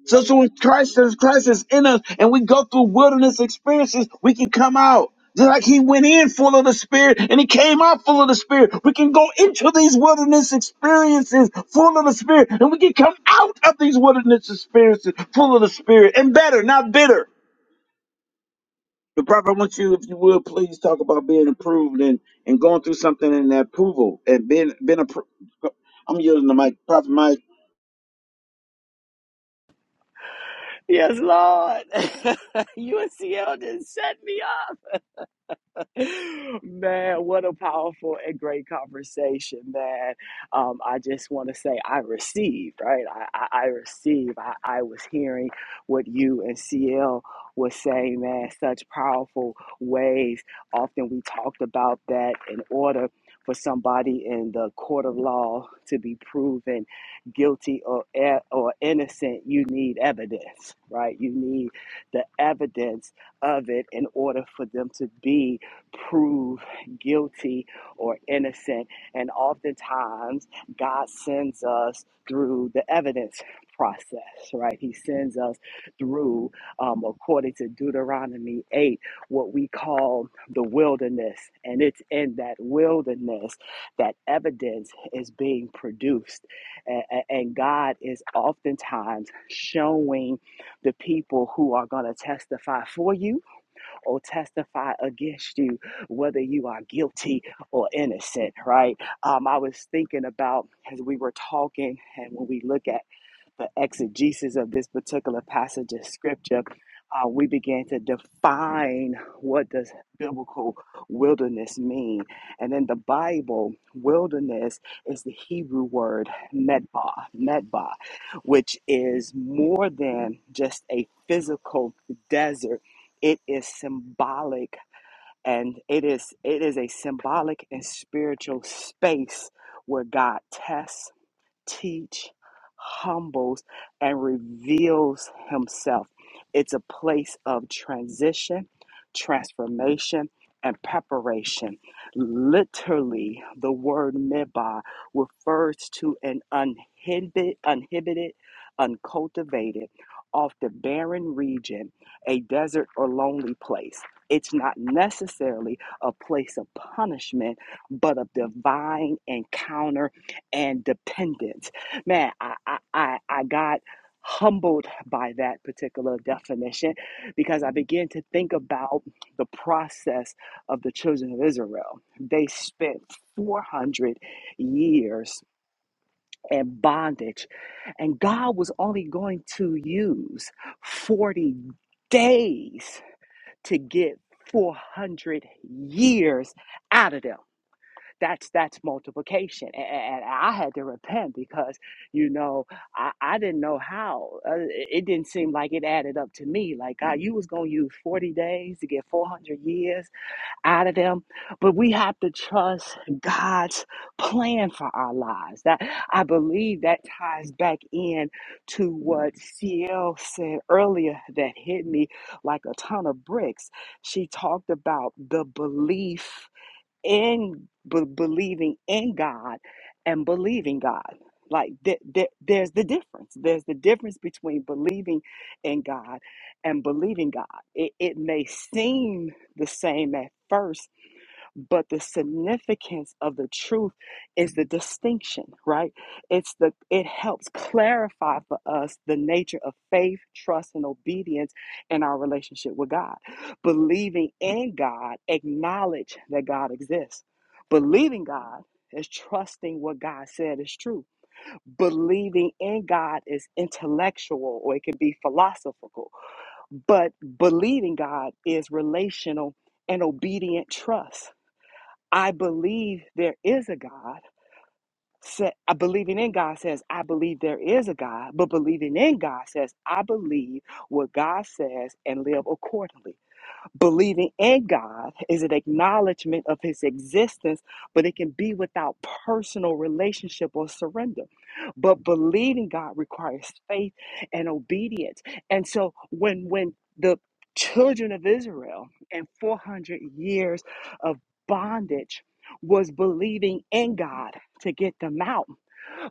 Speaker 1: So, so when Christ is Christ is in us and we go through wilderness experiences, we can come out. Just like he went in full of the spirit and he came out full of the spirit. We can go into these wilderness experiences full of the spirit and we can come out of these wilderness experiences full of the spirit and better, not bitter. The prophet, I want you, if you would, please talk about being approved and, and going through something in that approval and being, being approved. I'm using the mic. Prophet Mike.
Speaker 2: Yes, Lord. [laughs] UNCL just set me up. [laughs] Man, what a powerful and great conversation, man. Um, I just want to say I received, right? I, I, I received. I, I was hearing what you and CL was saying, man, such powerful ways. Often we talked about that in order for somebody in the court of law to be proven guilty or, e- or innocent, you need evidence, right? You need the evidence of it in order for them to be prove guilty or innocent. And oftentimes, God sends us through the evidence process, right? He sends us through, um, according to Deuteronomy 8, what we call the wilderness. And it's in that wilderness that evidence is being produced. A- a- and God is oftentimes showing the people who are going to testify for you or testify against you, whether you are guilty or innocent, right? Um, I was thinking about as we were talking and when we look at the exegesis of this particular passage of scripture, uh, we began to define what does biblical wilderness mean. And in the Bible, wilderness is the Hebrew word medbah, medbah, which is more than just a physical desert. It is symbolic and it is it is a symbolic and spiritual space where God tests teach, humbles, and reveals himself. It's a place of transition, transformation, and preparation. Literally, the word midbar refers to an uninhibited, uninhibited uncultivated, off the barren region, a desert or lonely place. It's not necessarily a place of punishment, but a divine encounter and dependent. Man, I, I, I, I got humbled by that particular definition because I began to think about the process of the children of Israel. They spent 400 years in bondage, and God was only going to use 40 days to get 400 years out of them that's that's multiplication and, and i had to repent because you know i, I didn't know how uh, it didn't seem like it added up to me like god you was going to use 40 days to get 400 years out of them but we have to trust god's plan for our lives that i believe that ties back in to what cl said earlier that hit me like a ton of bricks she talked about the belief in b- believing in God and believing God. Like th- th- there's the difference. There's the difference between believing in God and believing God. It, it may seem the same at first but the significance of the truth is the distinction right it's the it helps clarify for us the nature of faith trust and obedience in our relationship with god believing in god acknowledge that god exists believing god is trusting what God said is true. Believing in God is intellectual or it can be philosophical, but believing God is relational and obedient trust I believe there is a God. Sa- I believing in God says, I believe there is a God, but believing in God says, I believe what God says and live accordingly. Believing in God is an acknowledgement of his existence, but it can be without personal relationship or surrender. But believing God requires faith and obedience. And so when when the children of Israel and 400 years of bondage was believing in God to get them out.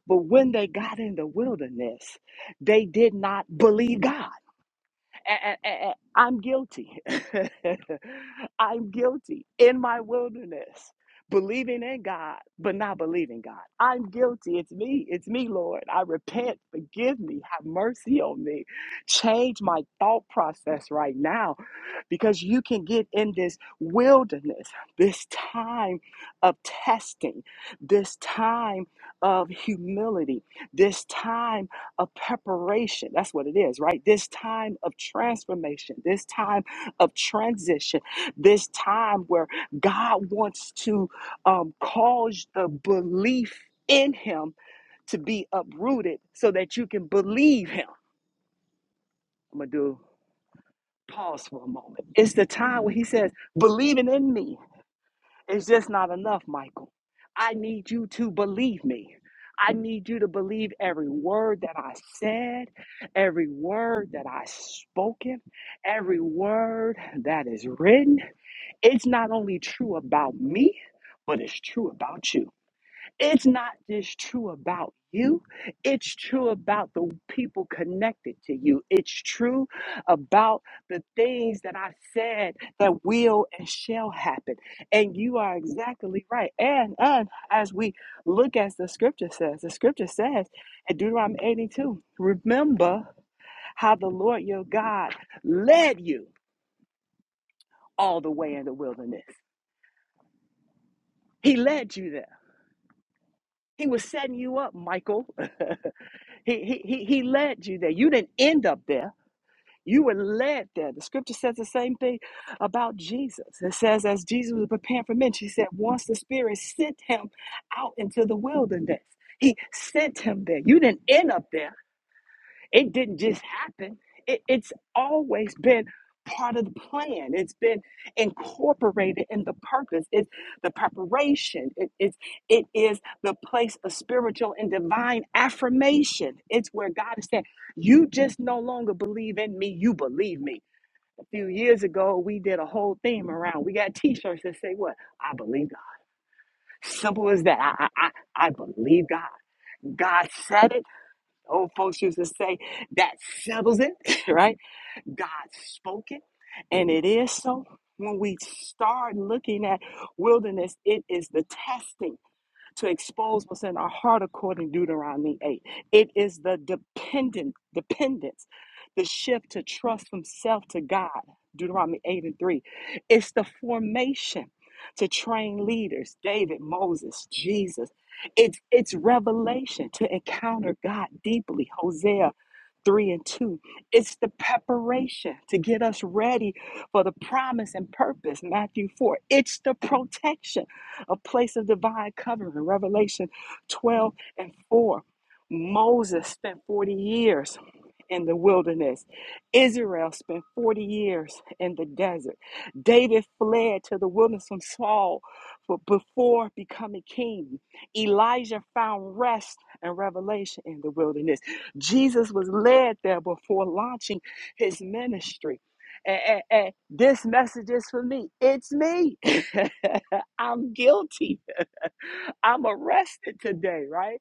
Speaker 2: But when they got in the wilderness, they did not believe God i a- a- I'm guilty. [laughs] I'm guilty in my wilderness, believing in God, but not believing God. I'm guilty. It's me. It's me, Lord. I repent. Forgive me. Have mercy on me. Change my thought process right now because you can get in this wilderness, this time of testing, this time of humility, this time of preparation. That's what it is, right? This time of transformation, this time of transition, this time where God wants to um, cause the belief in Him to be uprooted so that you can believe Him. I'm gonna do. Pause for a moment. It's the time where he says, believing in me is just not enough, Michael. I need you to believe me. I need you to believe every word that I said, every word that I spoken, every word that is written. It's not only true about me, but it's true about you. It's not just true about you. It's true about the people connected to you. It's true about the things that I said that will and shall happen. And you are exactly right. And and as we look as the scripture says, the scripture says in Deuteronomy 82, remember how the Lord your God led you all the way in the wilderness. He led you there. He was setting you up, Michael. [laughs] He, he, he, he led you there. You didn't end up there. You were led there. The scripture says the same thing about Jesus. It says, as Jesus was preparing for men, she said, once the Spirit sent him out into the wilderness, he sent him there. You didn't end up there. It didn't just happen. It, it's always been part of the plan. It's been incorporated in the purpose. It's the preparation. it's, it is the place of spiritual and divine affirmation. It's where God is saying, You just no longer believe in me, you believe me. A few years ago, we did a whole theme around. We got t shirts that say, What? I believe God. Simple as that. I, I, I I believe God. God said it old folks used to say, that settles it, [laughs] right? God spoke it, and it is so. When we start looking at wilderness, it is the testing to expose what's in our heart according to Deuteronomy 8. It is the dependent dependence, the shift to trust from self to God, Deuteronomy 8 and 3. It's the formation to train leaders, David, Moses, Jesus. It's it's revelation to encounter God deeply, Hosea 3 and 2. It's the preparation to get us ready for the promise and purpose, Matthew 4. It's the protection a place of divine covering. Revelation 12 and 4. Moses spent 40 years in the wilderness. Israel spent 40 years in the desert. David fled to the wilderness from Saul before becoming king. Elijah found rest and revelation in the wilderness. Jesus was led there before launching his ministry. And, and- and this message is for me. It's me. [laughs] I'm guilty. I'm arrested today, right?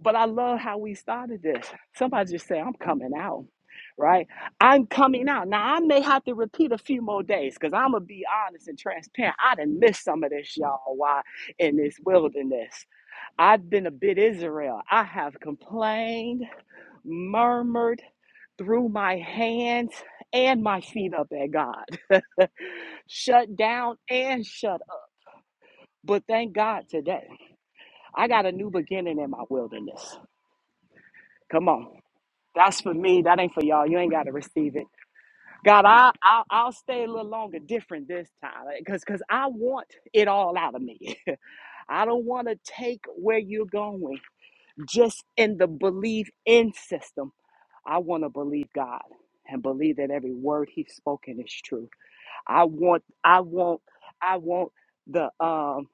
Speaker 2: But I love how we started this. Somebody just say, I'm coming out, right? I'm coming out. Now, I may have to repeat a few more days because I'm going to be honest and transparent. I done missed some of this, y'all, Why in this wilderness. I've been a bit Israel. I have complained, murmured, threw my hands and my feet up at God, [laughs] shut down and shut up. But thank God today. I got a new beginning in my wilderness. Come on. That's for me. That ain't for y'all. You ain't got to receive it. God, I, I'll, I'll stay a little longer different this time because because I want it all out of me. [laughs] I don't want to take where you're going just in the belief in system. I want to believe God and believe that every word he's spoken is true. I want, I want, I want the, um,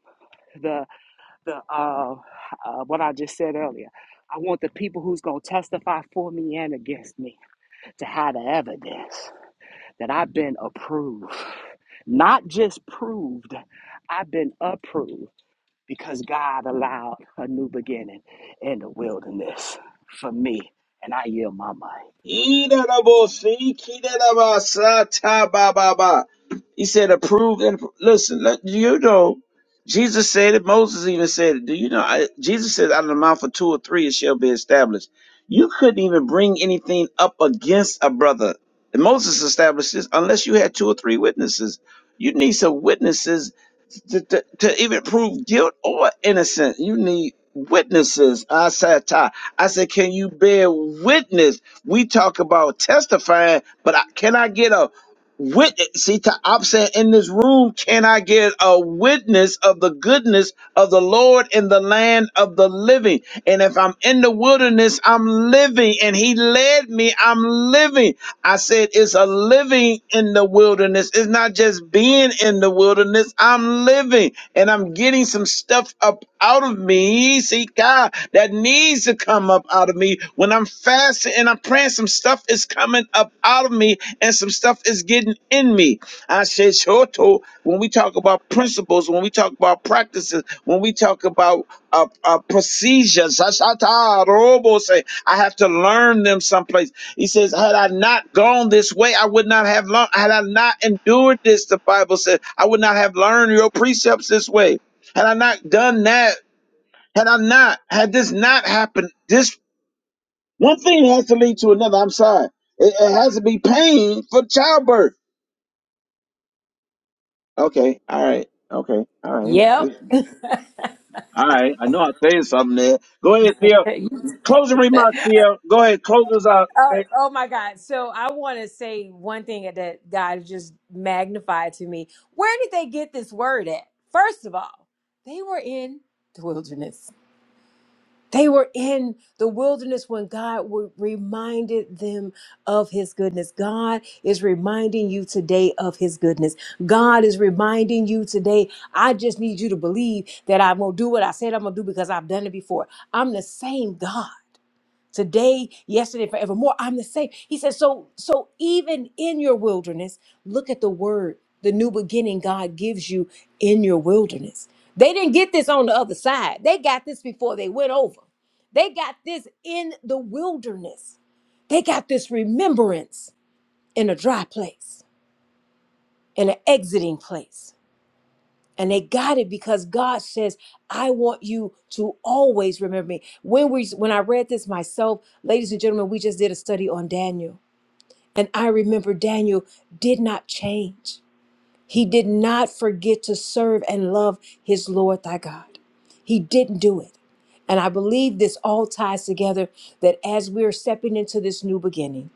Speaker 2: the uh, uh, what I just said earlier. I want the people who's going to testify for me and against me to have the evidence that I've been approved. Not just proved, I've been approved because God allowed a new beginning in the wilderness for me. And I yield my mind.
Speaker 1: Idanabosi, kidanabasa, tabababa. He said, "Approved and listen." Let, you know, Jesus said it. Moses even said it. Do you know? I, Jesus said, "Out of the mouth of two or three, it shall be established." You couldn't even bring anything up against a brother. And Moses established this unless you had two or three witnesses. You need some witnesses to, to, to even prove guilt or innocence, you need witnesses. I said, Ty, I said, can you bear witness? We talk about testifying, but I, can I get a witness? See, Ty, I'm saying in this room, can I get a witness of the goodness of the Lord in the land of the living? And if I'm in the wilderness, I'm living, and He led me, I'm living. I said, it's a living in the wilderness wilderness is not just being in the wilderness, I'm living and I'm getting some stuff up out of me. See, God, that needs to come up out of me. When I'm fasting and I'm praying, some stuff is coming up out of me and some stuff is getting in me. I said, Shoto, when we talk about principles, when we talk about practices, when we talk about uh, uh, procedures, Sashata, Robo say, I I- I have to learn them someplace. He says, Had I not gone this way, I would not have learned. Had I not endured this, the Bible says, I would not have learned your precepts this way. Had I not done that, had I not, had this not happened, this one thing has to lead to another. I'm sorry. It, it has to be pain for childbirth. Okay. All right. Okay. All right.
Speaker 3: Yep.
Speaker 1: All right. I know I'm saying something there. Go ahead, Theo.
Speaker 3: Hey, You-
Speaker 1: Closing remarks, Theo. Go ahead. Close us
Speaker 3: Oh,
Speaker 1: out.
Speaker 3: oh my God. So I want to say one thing that God just magnified to me. Where did they get this word at? First of all, they were in the wilderness. They were in the wilderness when God w- reminded them of his goodness. God is reminding you today of his goodness. God is reminding you today, I just need you to believe that I'm going to do what I said I'm going to do because I've done it before. I'm the same God today, yesterday, forevermore. I'm the same. He says, so, so even in your wilderness, look at the word, the new beginning God gives you in your wilderness. They didn't get this on the other side. They got this before they went over. They got this in the wilderness. They got this remembrance in a dry place, in an exiting place. And they got it because God says, I want you to always remember me. When we when I read this myself, ladies and gentlemen, we just did a study on Daniel. And I remember Daniel did not change. He did not forget to serve and love his Lord thy God. He didn't do it. And I believe this all ties together that as we are stepping into this new beginning,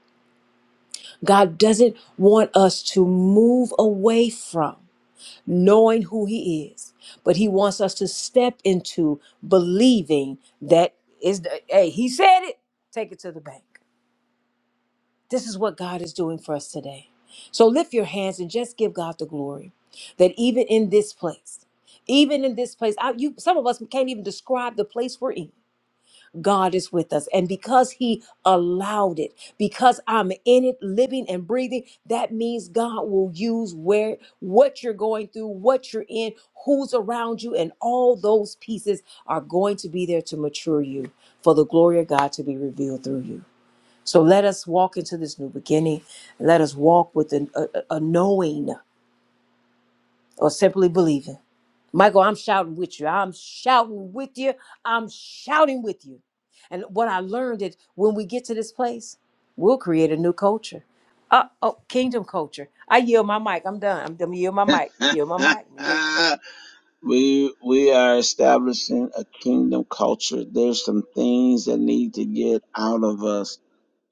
Speaker 3: God doesn't want us to move away from knowing who he is but he wants us to step into believing that is the, hey he said it take it to the bank this is what god is doing for us today so lift your hands and just give god the glory that even in this place even in this place I, you some of us can't even describe the place we're in God is with us. And because He allowed it, because I'm in it, living and breathing, that means God will use where what you're going through, what you're in, who's around you, and all those pieces are going to be there to mature you for the glory of God to be revealed through you. So let us walk into this new beginning. Let us walk with an- a, a a knowing or simply believing. Michael, I'm shouting with you. I'm shouting with you. I'm shouting with you. And what I learned is when we get to this place, we'll create a new culture. Uh, oh, kingdom culture. I yield my mic. I'm done. I'm done. Yield my mic. Yield my mic.
Speaker 1: [laughs] [laughs] We we are establishing a kingdom culture. There's some things that need to get out of us.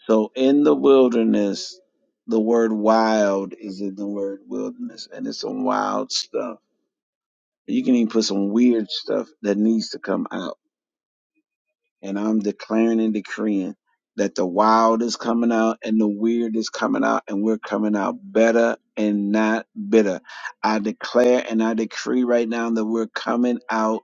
Speaker 1: So in the wilderness, the word wild is in the word wilderness, and it's some wild stuff. You can even put some weird stuff that needs to come out and I'm declaring and decreeing that the wild is coming out and the weird is coming out and we're coming out better and not bitter. I declare and I decree right now that we're coming out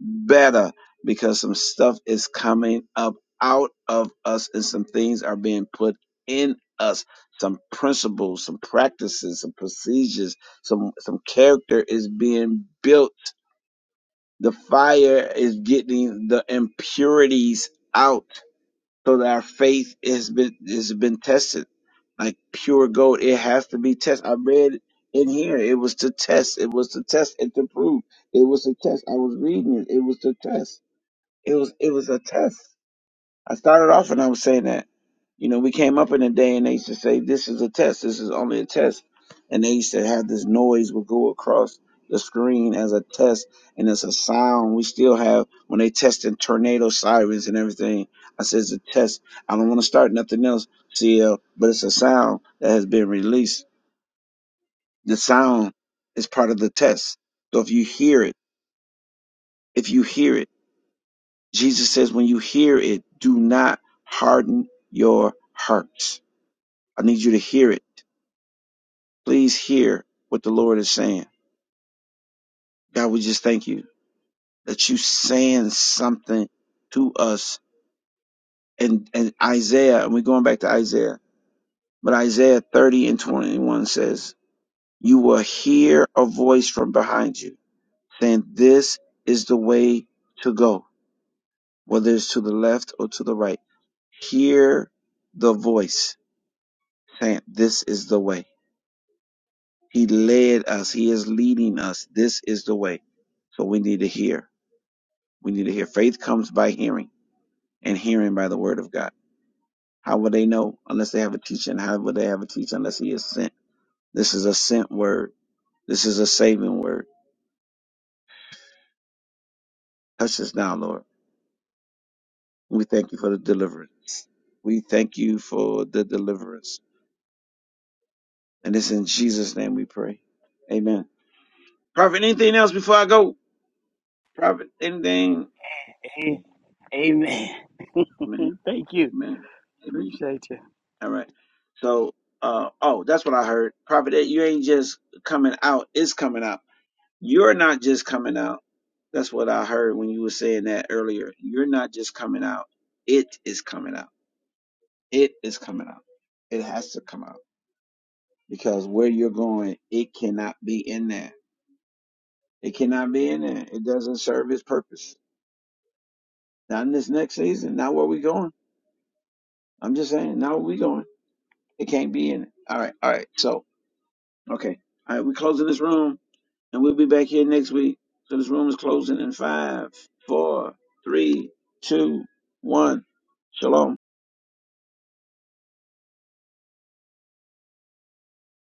Speaker 1: better because some stuff is coming up out of us and some things are being put in us some principles some practices some procedures some some character is being built the fire is getting the impurities out so that our faith has been has been tested. Like pure gold, it has to be tested. I read in here it was to test. It was to test and to prove. It was a test. I was reading it. It was to test. It was it was a test. I started off and I was saying that, you know, we came up in a day and they used to say, this is a test, this is only a test. And they used to have this noise would go across the screen as a test and it's a sound. We still have, when they testing tornado sirens and everything, I said, it's a test. I don't want to start nothing else, CL, but it's a sound that has been released. The sound is part of the test. So if you hear it, if you hear it, Jesus says, when you hear it, do not harden your hearts I need you to hear it. Please hear what the Lord is saying. God, we just thank you that you saying something to us. And, and Isaiah, and we're going back to Isaiah, but Isaiah 30 and 21 says, you will hear a voice from behind you saying, this is the way to go, whether it's to the left or to the right. Hear the voice saying, this is the way. He led us. He is leading us. This is the way. So we need to hear. We need to hear. Faith comes by hearing, and hearing by the word of God. How will they know unless they have a teacher? And how will they have a teacher unless he is sent? This is a sent word. This is a saving word. Touch us now, Lord. We thank you for the deliverance. We thank you for the deliverance. And it's in Jesus' name we pray. Amen. Prophet, anything else before I go? Prophet, anything?
Speaker 2: Amen.
Speaker 1: Amen.
Speaker 2: [laughs] Thank you.
Speaker 1: Amen. Amen.
Speaker 2: Appreciate you.
Speaker 1: All right. So, uh, oh, that's what I heard. Prophet, you ain't just coming out, it's coming out. You're not just coming out. That's what I heard when you were saying that earlier. You're not just coming out. It is coming out. It is coming out. It has to come out because where you're going, it cannot be in there. It cannot be in there. It doesn't serve its purpose. Not in this next season. Not where we going. I'm just saying, not where we going. It can't be in it. All right. All right. So Okay. All right, we're closing this room and we'll be back here next week. So this room is closing in five, four, three, two, one. Shalom.